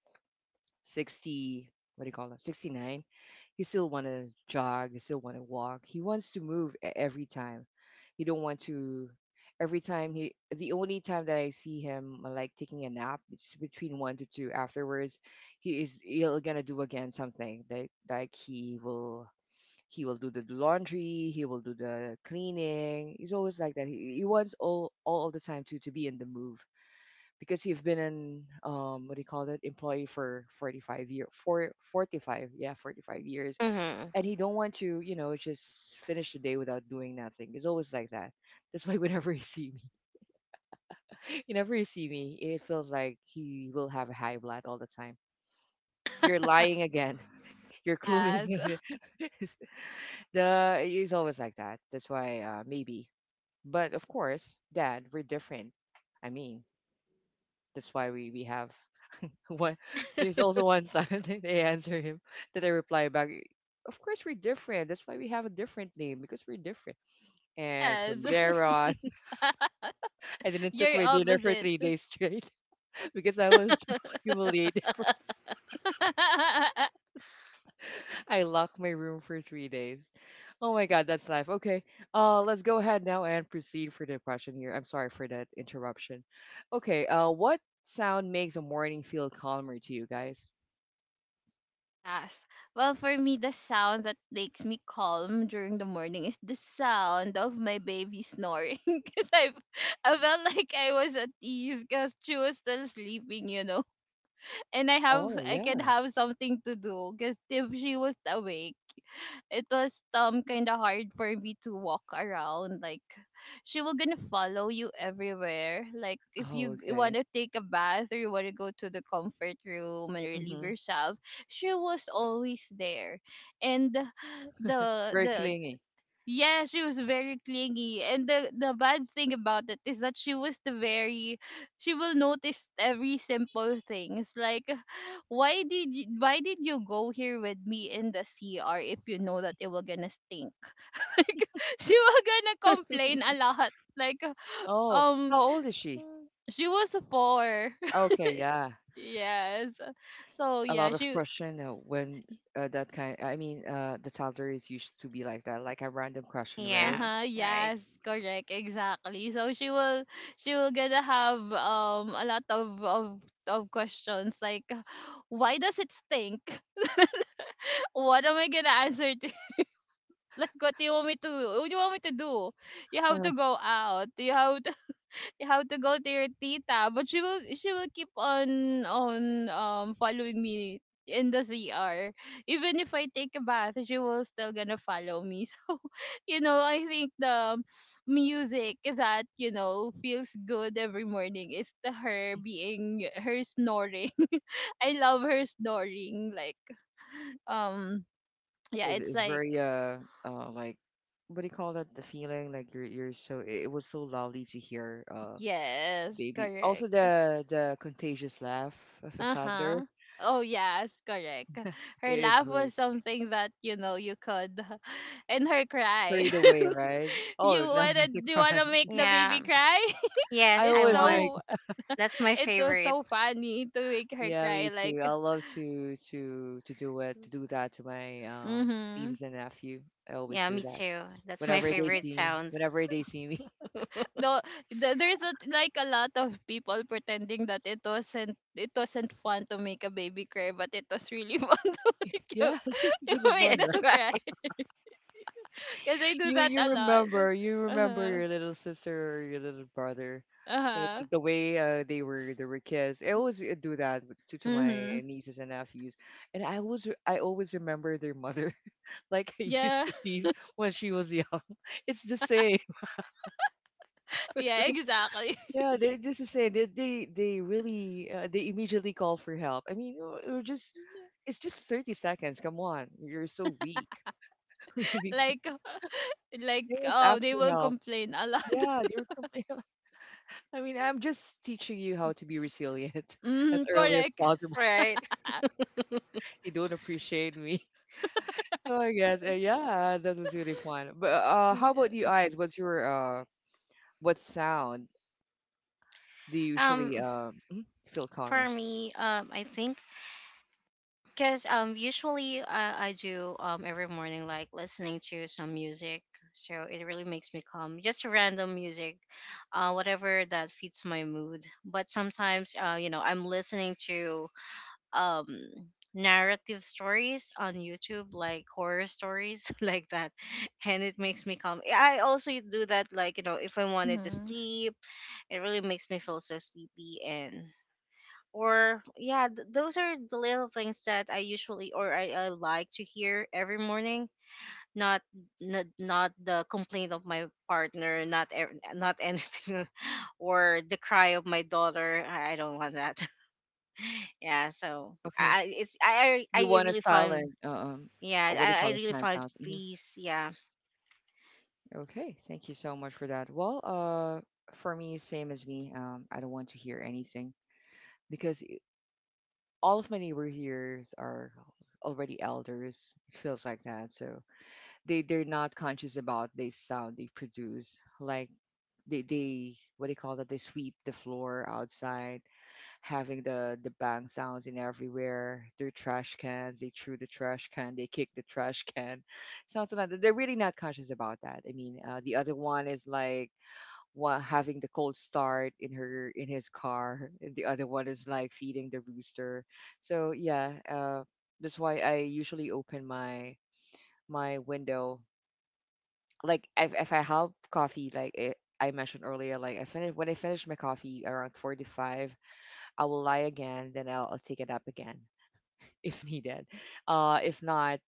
60. What do you call that? 69. He still want to jog. He still want to walk. He wants to move every time. He don't want to. Every time the only time that I see him like taking a nap, it's between one to two. Afterwards, he'll gonna do again something that, like, he will do the laundry. He will do the cleaning. He's always like that. He wants all the time to be in the move because he's been an what do you call it employee for 45 year for 45 yeah 45 years, Hmm. and he don't want to, you know, just finish the day without doing nothing. He's always like that. That's why whenever you see me whenever you see me it feels like he will have a high blood all the time. You're lying again. Your clue is Yes. the he's always like that. That's why maybe but of course, dad, we're different. I mean, that's why we have one. There's also one time that they answer him, that I reply back. Of course, we're different. That's why we have a different name because we're different. And Yes. from there on, I didn't took You're my dinner for opposite. 3 days straight because I was so humiliated. For, I locked my room for 3 days. Oh my God, that's life. Okay. Let's go ahead now and proceed for the question here. I'm sorry for that interruption. Okay. What sound makes a morning feel calmer to you guys? Yes. Well, for me, the sound that makes me calm during the morning is the sound of my baby snoring. Because I felt like I was at ease because she was still sleeping, you know. And Oh I can yeah. have something to do. Because if she was awake, it was kind of hard for me to walk around, like, she will gonna follow you everywhere, like if Oh, you want okay. to take a bath or you want to go to the comfort room and relieve Mm-hmm. yourself, she was always there. And the Very clingy. yeah, she was very clingy. And the bad thing about it is that she was the very she will notice every simple things. Like why did you go here with me in the CR if you know that it will gonna stink? Like she will gonna complain a lot. Like Oh, um how old is she? she was a four. Okay, yeah. Yes. So A yeah, lot of she question when that kind. I mean, the toddler is used to be like that, like a random question, right? Yeah, uh-huh, right. yes, correct, exactly. So she will gonna have a lot of of questions like why does it stink? What am I gonna answer to? Like what do you want me to do? You have Uh-huh. to go out. You have how to go to your tita, but she will keep on following me in the CR. Even if I take a bath, she will still gonna follow me. So, you know, I think the music that, you know, feels good every morning is the her being her snoring. I love her snoring. Like, um, Yeah, yeah, it's it's like very like what do you call that? The feeling like you're so it was so lovely to hear yes, baby. Also correct. the contagious laugh of a toddler Uh-huh. Oh yes, correct. Her is laugh very was something that you know you could and her cry. carried away, right? You Oh no, wanna to cry. Make the baby Yeah. cry? I Yes, I It's always make. won. so That's my it was favorite. so funny to make her Yeah, cry me like too. I love to do that to my mhm. nieces and nephew. I always Yeah, do me that too. That's my favorite sound. whenever they see me. No, there's a, like a lot of people pretending that it wasn't fun to make a baby cry, but it was really fun to make, you, Yeah, it was to really make fun. Yes, them cry. right. Cause I do You that you a lot. remember you remember Uh-huh. your little sister or your little brother, Uh-huh. The way they were kids. I always do that to Mm-hmm. my nieces and nephews, and I always remember their mother like I used Yeah, to tease when she was young. It's the same. yeah, exactly. Yeah, they this is same. They really, they immediately call for help. I mean, we're just it's just 30 seconds. Come on, you're so weak. We need to- like, like, They always oh, ask they for will help. complain a lot. Yeah, they were complaining. I mean, I'm just teaching you how to be resilient as Mm, early as correct. possible. Right. You don't appreciate me. So I guess, yeah, that was really fun. But how about Yes. you, eyes? What sound do you usually Um, feel for calmer? me, I think. Because um, usually I do, um, every morning, like listening to some music, so it really makes me calm. Just random music, uh, whatever that fits my mood. But sometimes, uh, you know, I'm listening to um, narrative stories on YouTube, like horror stories like that, and it makes me calm. I also do that, like, you know, if I wanted to Mm-hmm. sleep, it really makes me feel so sleepy, and or yeah, those are the little things that I usually, or I like to hear every morning. Not not the complaint of my partner, not not anything, or the cry of my daughter. I don't want that. Yeah, so Okay. I- it's I You want a really find. silent, Yeah, what do you I call this really kind of find sounds? Hmm. peace, yeah. Okay, thank you so much for that. Well, for me, same as me. I don't want to hear anything, because all of my neighbors here are already elders. It feels like that. So they're not conscious about the sound they produce. Like, they what do you call that? They sweep the floor outside, having the bang sounds in everywhere, their trash cans. They threw the trash can, they kick the trash can, something like that. They're really not conscious about that. I mean, the other one is like, having the cold start in her, in his car. And the other one is like feeding the rooster. So yeah, that's why I usually open my window. Like, if I have coffee, like it I mentioned earlier, like, I finish when I finish my coffee around 45, I will lie again, then I'll take it up again if needed. If not,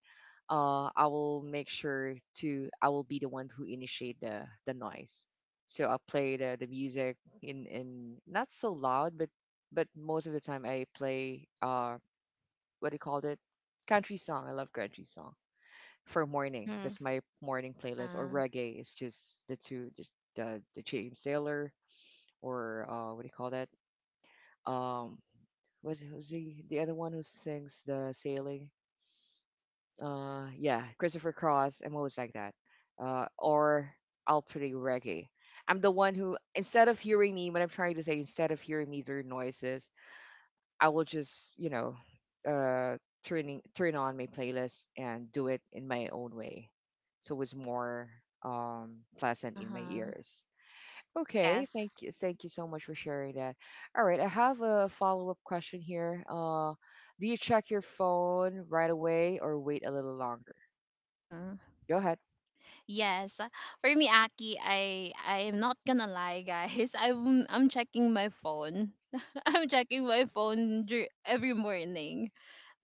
I will make sure to I will be the one who initiate the noise. So I'll play the music in not so loud, but most of the time I play, what do you call it? Country song. I love country song for morning. Mm, That's my morning playlist. Or Uh-huh. reggae is just the two, the James Taylor, or what do you call that? Um, was Who's the other one who sings the sailing? Yeah, Christopher Cross. I'm always like that. Or I'll play reggae. I'm the one who, instead of hearing me, what I'm trying to say, instead of hearing me through noises, I will just, uh, turn on my playlist and do it in my own way, so it's more pleasant in my Uh-huh. ears. Okay, yes. Thank you so much for sharing that. All right, I have a follow up question here. Do you check your phone right away or wait a little longer? Mm-hmm. Go ahead. Yes. For me, Aki, I am not gonna lie, guys. I'm checking my phone. I'm checking my phone every morning.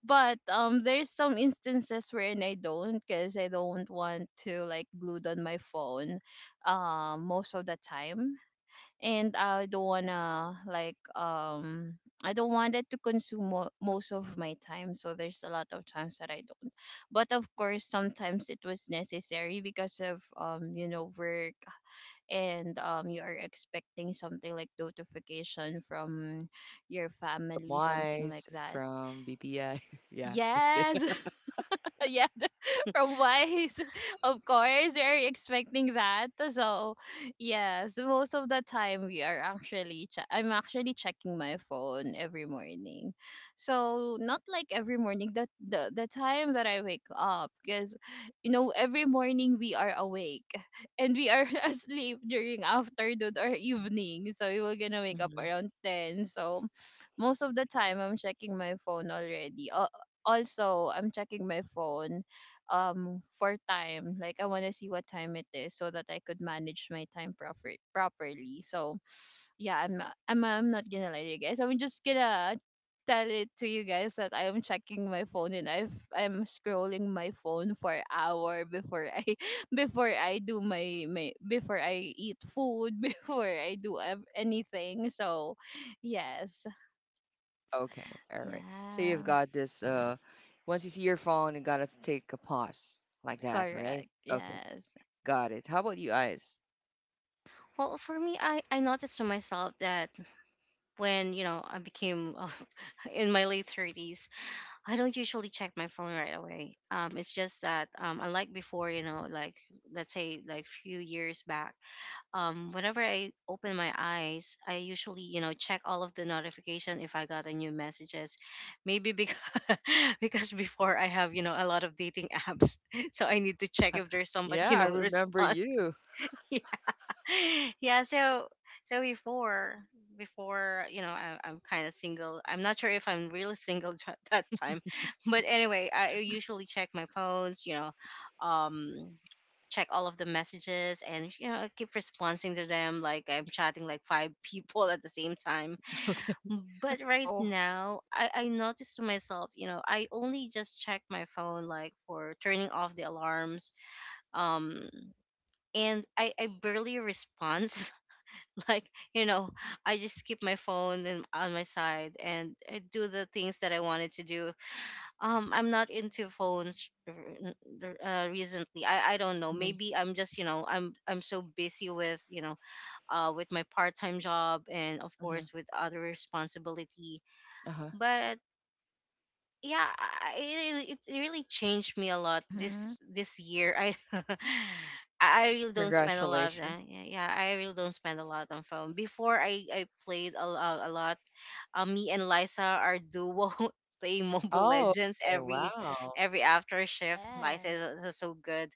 But there's some instances wherein I don't because I don't want to like glued on my phone, most of the time, and I don't wanna like I don't want it to consume most of my time, so there's a lot of times that I don't. But of course sometimes it was necessary because of you know work, and you are expecting something like notification from your family, something like Wise that. from BPI. Yeah, just Yes. Yeah. From Wise, of course, we're expecting that. So, yes, most of the time we are actually, I'm actually checking my phone every morning. So, not like every morning, the time that I wake up, because, you know, every morning we are awake and we are asleep during afternoon or evening. So, we were gonna wake up kidding. around 10. So, most of the time I'm checking my phone already. Also, I'm checking my phone for time, like I want to see what time it is so that I could manage my time properly. So yeah, I'm not gonna lie to you guys, I'm just gonna tell it to you guys that I am checking my phone, and I'm scrolling my phone for an hour before I before I do my my before I eat food, before I do anything. So yes. Okay, all right. So you've Yeah, got this. Once you see your phone, you gotta take a pause like that, right? correct. Okay, Yes. got it. How about you, eyes? Well, for me, I noticed to myself that when, you know, I became, in my late 30s, I don't usually check my phone right away. It's just that, unlike before, you know, like let's say like few years back, whenever I open my eyes, I usually, you know, check all of the notification if I got a new messages. Maybe because because before I have, you know, a lot of dating apps, so I need to check if there's somebody, Yeah, you I know, remember response. you. Yeah, so so before before, you know, I'm kind of single, I'm not sure if I'm really single at that time. But anyway, I usually check my phones, you know, um, check all of the messages, and you know, I keep responding to them like I'm chatting like five people at the same time. But right Wow. now, I noticed to myself, you know, I only just check my phone like for turning off the alarms, um, and I barely respond. Like, you know, I just keep my phone in, on my side, and I do the things that I wanted to do. I'm not into phones, recently. I don't know. Hmm. Maybe I'm just, you know, I'm so busy with, you know, with my part-time job, and of Hmm. course with other responsibility. Uh-huh. But yeah, it really changed me a lot Mm-hmm. this year. I I really don't spend a lot of Congratulations. time, yeah, I really don't spend a lot on phone. Before I played a, a lot, me and Liza are duo playing Mobile Oh, Legends okay, wow. every after shift. Liza is Yes. so good.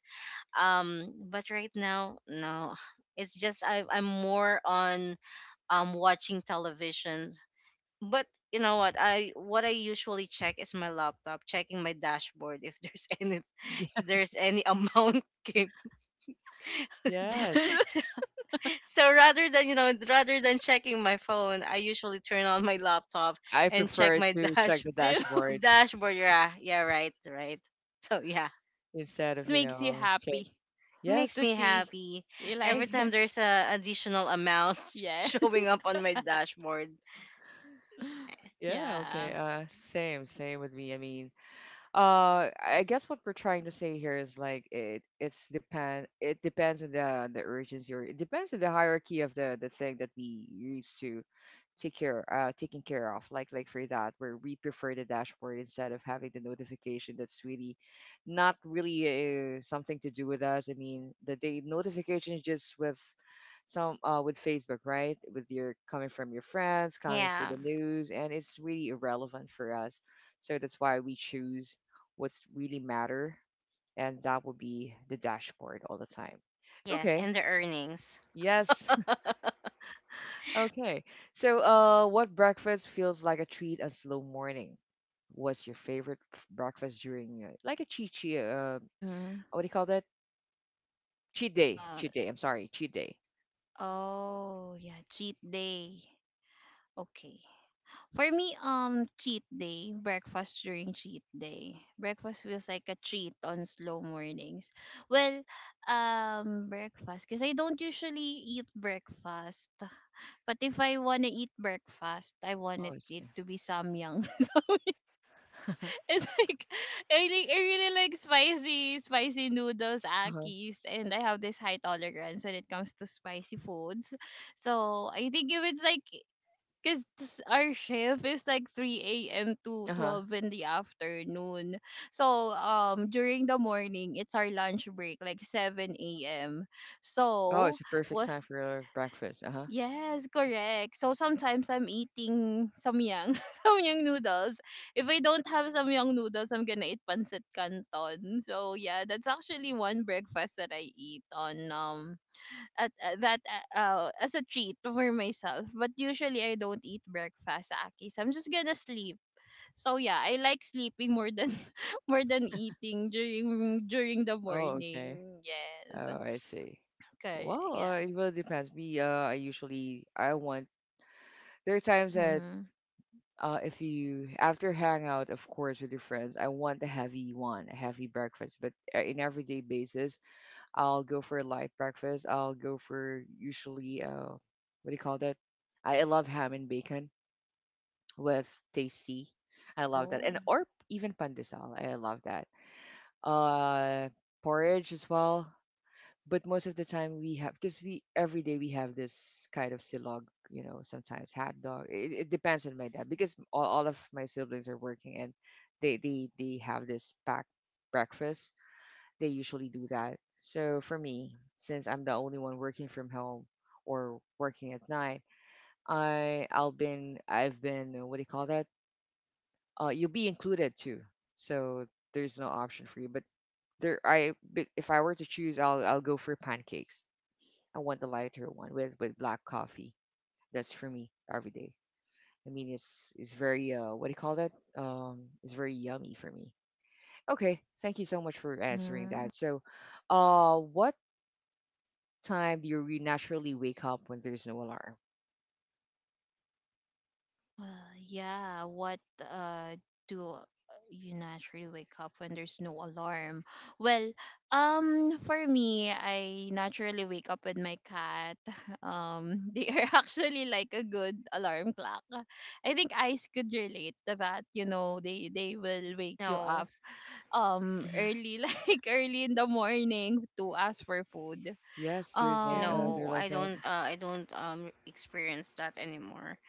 Um, but right now, no. It's just I'm more on, um, watching television. But you know what I what I usually check is my laptop, checking my dashboard if there's any, Yes, there's any amount came. Yes, yes. So, so rather than, you know, rather than checking my phone, I usually turn on my laptop I and check prefer my to check me the too. dashboard dashboard. Yeah, yeah. Right, right. So yeah, instead It of, makes you check. happy makes to Yes. me see. happy You every like, time there's a additional amount showing yes. up on my dashboard. Yeah, Yeah. okay. Yeah, Same with me. I mean, I guess what we're trying to say here is, like, it depends on the urgency, or it depends on the hierarchy of the thing that we use to take care taking care of, like, for that, where we prefer the dashboard instead of having the notification, that's really, not really, something to do with us. I mean, the notification is just with some, with Facebook, right? With your, coming from your friends, coming for yeah. the news, and it's really irrelevant for us. So that's why we choose what's really matter, and that will be the dashboard all the time. Yes, Okay. and the earnings. Yes. Okay. So, what breakfast feels like a treat and slow morning? What's your favorite breakfast during, like a cheat, Mm-hmm. what do you call that? Cheat day. The— Cheat day. I'm sorry. Cheat day. oh yeah, cheat day. Okay. For me, cheat day, breakfast during cheat day. Breakfast feels like a treat on slow mornings. Well, breakfast, because I don't usually eat breakfast. But if I wanna eat breakfast, I Oh, wanted it's, it to be samyang. It's like I like I really like spicy noodles, uh-huh. akis, and I have this high tolerance when it comes to spicy foods. So I think if it's like, because our shift is like 3 a.m. to Uh-huh. 12 in the afternoon. So during the morning it's our lunch break, like 7 a.m. Oh, So it's a perfect what— time for breakfast. Uh-huh. yes, correct. So sometimes I'm eating samyang, samyang noodles. If I don't have samyang noodles, I'm gonna eat pancit canton. So yeah, that's actually one breakfast that I eat on at that as a treat for myself. But usually I don't eat breakfast, Aki. So I'm just gonna sleep. So yeah, I like sleeping more than more than eating during the Oh, okay. morning. Yes, Oh, I see. correct. Well, Yeah. It really depends. Me, I want. There are times that, Mm-hmm. If you after hangout, of course, with your friends, I want a heavy one, a heavy breakfast. But in everyday basis, I'll go for a light breakfast. I'll go for usually, what do you call that? I love ham and bacon with tasty. I love that, and Oh. or even pandesal. I love that. Uh, Porridge as well, but most of the time we have, because we every day we have this kind of silog, sometimes hot dog. It depends on my dad, because all of my siblings are working, and they have this packed breakfast. They usually do that. So for me, since I'm the only one working from home or working at night, I've been, what do you call that, you'll be included too. So there's no option for you, but there I but if I were to choose, I'll go for pancakes. I want the lighter one with black coffee. That's for me every day. I mean, it's very, what do you call that? It's very yummy for me. Okay, thank you so much for answering Mm-hmm. that. So, what time do you naturally wake up when there's no alarm? Well, yeah. What do you naturally wake up when there's no alarm? Well, for me, I naturally wake up with my cat. They are actually like a good alarm clock. I think eyes could relate to that. You know, they will wake you No. up Hmm. early, like early in the morning to ask for food. Yes, there's like, Um, they're No, like I that. don't. I don't um, experience that anymore.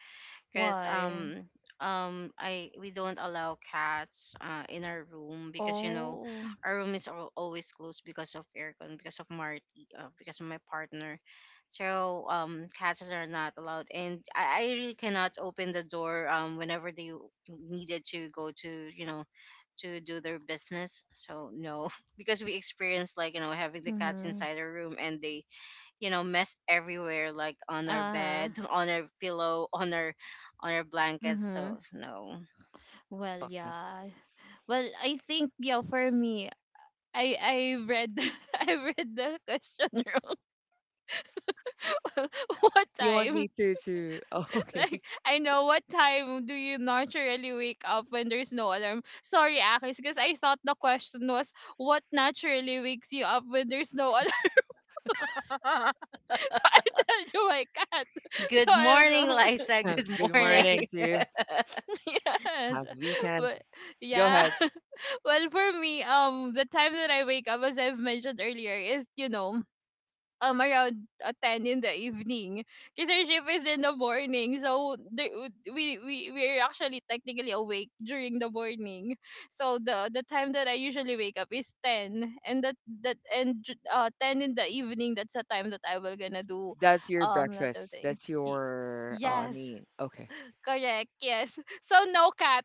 Cause, why? um, I we don't allow cats, uh, in our room because, you know, Oh. our room is always closed because of aircon, because of Marty, because of my partner. So, um, cats are not allowed, and I really cannot open the door, um, whenever they needed to go to, you know, to do their business. So no, because we experienced like, you know, having the cats Mm-hmm. inside our room, and they, you know, mess everywhere, like on our Uh-huh. bed, on our pillow, on our blankets, Mm-hmm. so no. Well, Okay. yeah. Well, I think yeah, for me, I read I read the question wrong. What You want time? me to to? Oh, okay. Like I know what time do you naturally wake up when there's no alarm? Sorry, Akis, because I thought the question was what naturally wakes you up when there's no alarm. So I tell you my cat. So Good I morning, was uh, Liza, good Good yes, morning morning. to you. yes, Have a weekend. but Go yeah. ahead. Well, for me, the time that I wake up, as I've mentioned earlier, is you know, around 10 in the evening, because our shift is in the morning. So we we're actually technically awake during the morning. So the time that I usually wake up is 10, and ten in the evening. That's the time that I will gonna do, That's your lot of breakfast. things. That's Y- your. I yes, mean, okay. correct. Yes. So no cat.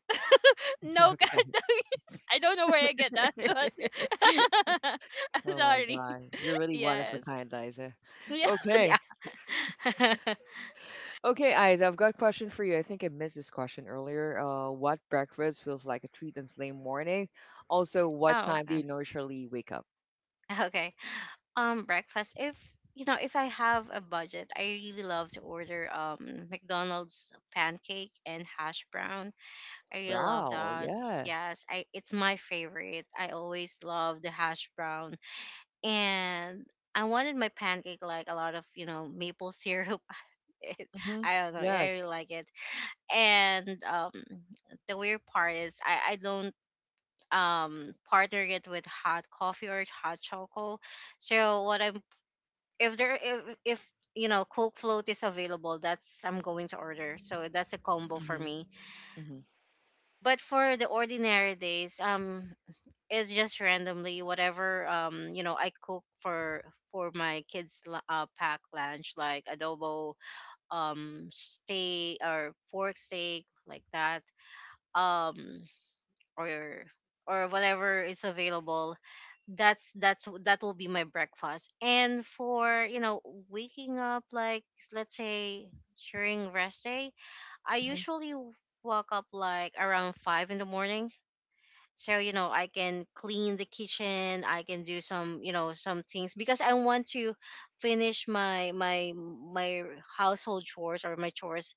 No Okay. Katamis. I don't know where I get that, but I'm Oh my sorry. God. You're really one of a Yes. kind, Liza. Yeah. Yeah. Okay. Okay, Eyes, I've got a question for you. I think I missed this question earlier. What breakfast feels like a treat on Sunday morning? Also, what Oh, time do you naturally wake up? okay. Um, breakfast, if you know, if I have a budget, I really love to order, um, McDonald's pancake and hash brown. I really love Wow, that. yeah. Yes, I it's my favorite. I always love the hash brown, and I wanted my pancake like a lot of, you know, maple syrup. It- Mm-hmm. I don't know, I Yes. really like it. And the weird part is I don't, um, partner it with hot coffee or hot chocolate. So what I'm, if there if you know Coke float is available, that's I'm going to order. So that's a combo for Mm-hmm. me. Mm-hmm. But for the ordinary days, it's just randomly whatever, um, you know, I cook for my kids, pack lunch, like adobo, um, steak or pork steak, like that, um, or or whatever is available, that's that will be my breakfast. And for, you know, waking up like let's say during rest day, I Hmm. usually wake up like around 5 in the morning, so you know, I can clean the kitchen, I can do some, you know, some things because I want to finish my my household chores or my chores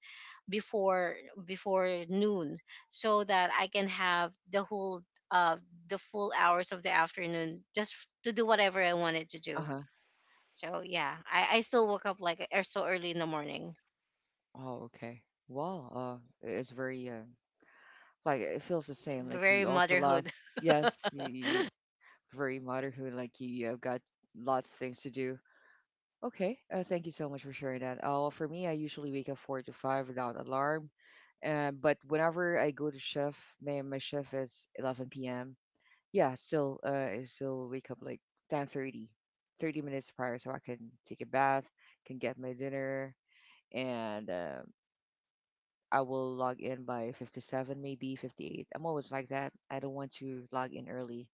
before before noon, so that I can have the whole, uh, the full hours of the afternoon just to do whatever I wanted to do. Uh-huh. So yeah, I still woke up like, so early in the morning. Oh, okay. Well, it's very, like, it feels the same. Like, Very you also love. motherhood. That Yes, you very motherhood. Like you, have got lot of things to do. Okay, thank you so much for sharing that. Well, for me, I usually wake up 4 to 5 without alarm, but whenever I go to shift, my shift is 11 p.m. Yeah, still, I still wake up like 10:30, 30 minutes prior, so I can take a bath, can get my dinner, and I will log in by 57, maybe 58. I'm always like that. I don't want to log in early.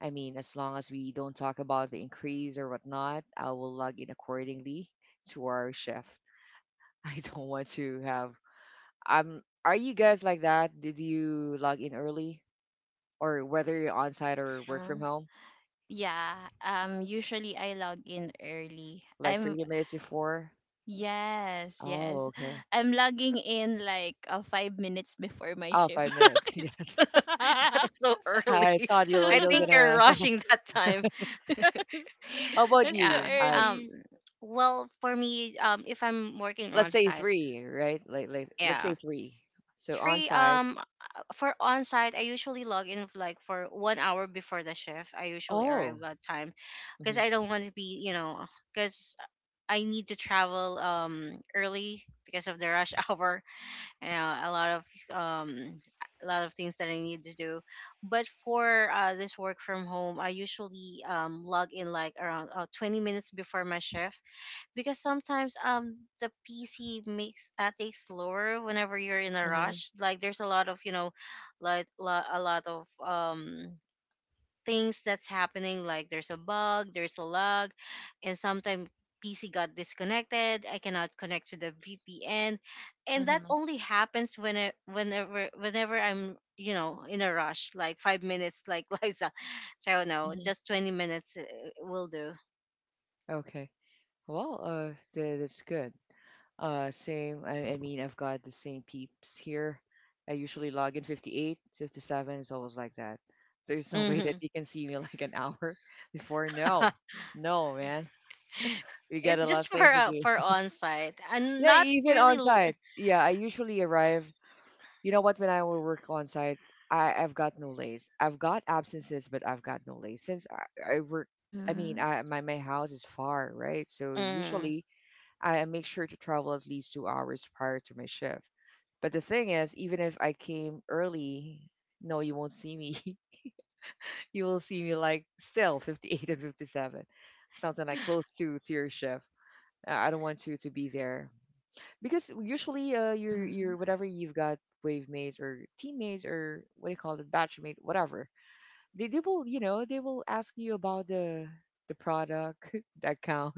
I mean, as long as we don't talk about the increase or whatnot, I will log in accordingly to our shift. I don't want to have. Are you guys like that? Did you log in early, or whether you're on site or work Huh. from home, Yeah. Um, usually I log in early. like I'm— 30 minutes before? yes, Oh, yes. okay. I'm logging in like 5 minutes before my Oh, shift. five minutes. Okay, so— was so Yes, I early. thought I you're think you're gonna. rushing that time. yes. How about It's too Yeah. you? I early. Well, for me, if I'm working Let's on say site, three, right? Like, let's say yeah, three. So on three. site. For on site, I usually log in like for 1 hour before the shift. I usually arrive Oh. that time because Mm-hmm. I don't want to be, you know, because I need to travel um, early because of the rush hour. Yeah, a lot of um, a lot of things that I need to do. But for, this work from home, I usually, log in like around, 20 minutes before my shift, because sometimes, um, the PC makes, takes slower whenever you're in a Mm-hmm. rush. Like there's a lot of, you know, like a lot of um, things that's happening, like there's a bug, there's a lag, and sometimes PC got disconnected, I cannot connect to the VPN. And that Mm-hmm. only happens when whenever whenever I'm, you know, in a rush, like 5 minutes like Liza. So no, Mm-hmm. just 20 minutes, will do. Okay. Well, that's good. Same. I mean, I've got the same peeps here. I usually log in 58, 57. It's always like that. There's no way that Hmm. you can see me like an hour before. No, no, man. We got It's a lot just of for, things to do. for on site, and Yeah, not even really on site. Yeah, I usually arrive. You know what? When I will work on site, I've got no lays. I've got absences, but I've got no lays since I work. I mean, Mm-hmm. I my my house is far, right? So mm. usually I make sure to travel at least 2 hours prior to my shift. But the thing is, even if I came early, no, you won't see me. You will see me like still 58 and 57, something like close to your shift. I don't want you to be there, because usually, Mm-hmm. your whatever you've got, wave mates or teammates or what do you call it, batchmate, whatever, they will, they will ask you about the product the account.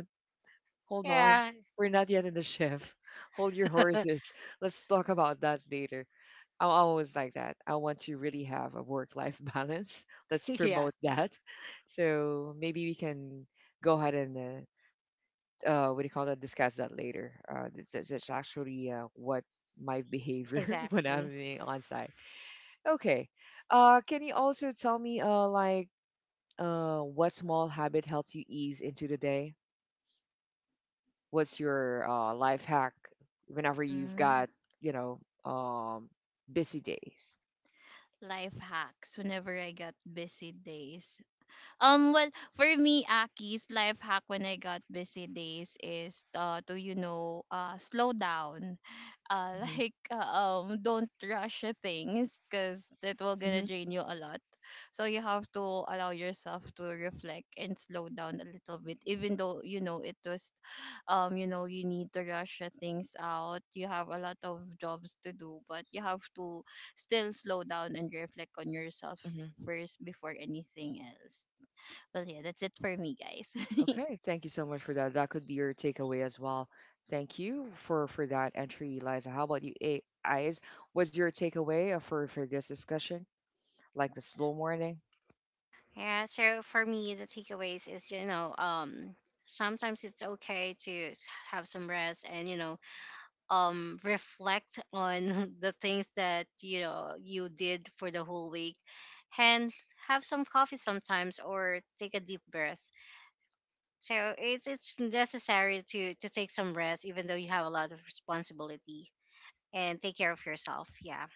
Hold on. Yeah. We're not yet in the shift. Hold your horses. Let's talk about that later. I'm always like that. I want to really have a work life balance. Let's Yeah, promote that. So maybe we can go ahead and, what do you call that, discuss that later. That's actually, what my behavior when I'm exactly. being on site. Okay. Can you also tell me, like, what small habit helps you ease into the day? What's your, life hack whenever you've Mm-hmm. got, you know um, busy days? Life hacks whenever I got busy days. Well, for me, Aki's life hack when I got busy days is to you know slow down, Hmm. like don't rush things because that will gonna Hmm. drain you a lot. So you have to allow yourself to reflect and slow down a little bit, even though you know it was, you know you need to rush things out. You have a lot of jobs to do, but you have to still slow down and reflect on yourself Hmm. first before anything else. Well, yeah, that's it for me, guys. Okay, thank you so much for that. That could be your takeaway as well. Thank you for that entry, Eliza. How about you, Eyes? Was your takeaway, for this discussion, like the slow morning? Yeah, so for me, the takeaways is, you know, sometimes it's okay to have some rest and, you know, reflect on the things that, you know, you did for the whole week, and have some coffee sometimes, or take a deep breath. So it's necessary to take some rest, even though you have a lot of responsibility, and take care of yourself. Yeah.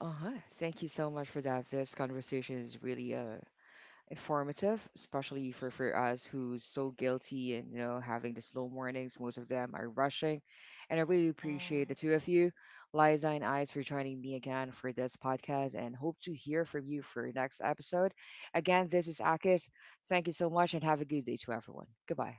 Uh-huh. Thank you so much for that. This conversation is really, informative, especially for us who's so guilty and having the slow mornings. Most of them are rushing, and I really appreciate the Yes. two of you, Liza and Ice, for joining me again for this podcast, and hope to hear from you for next episode. Again, this is Akis. Thank you so much, and have a good day to everyone. Goodbye.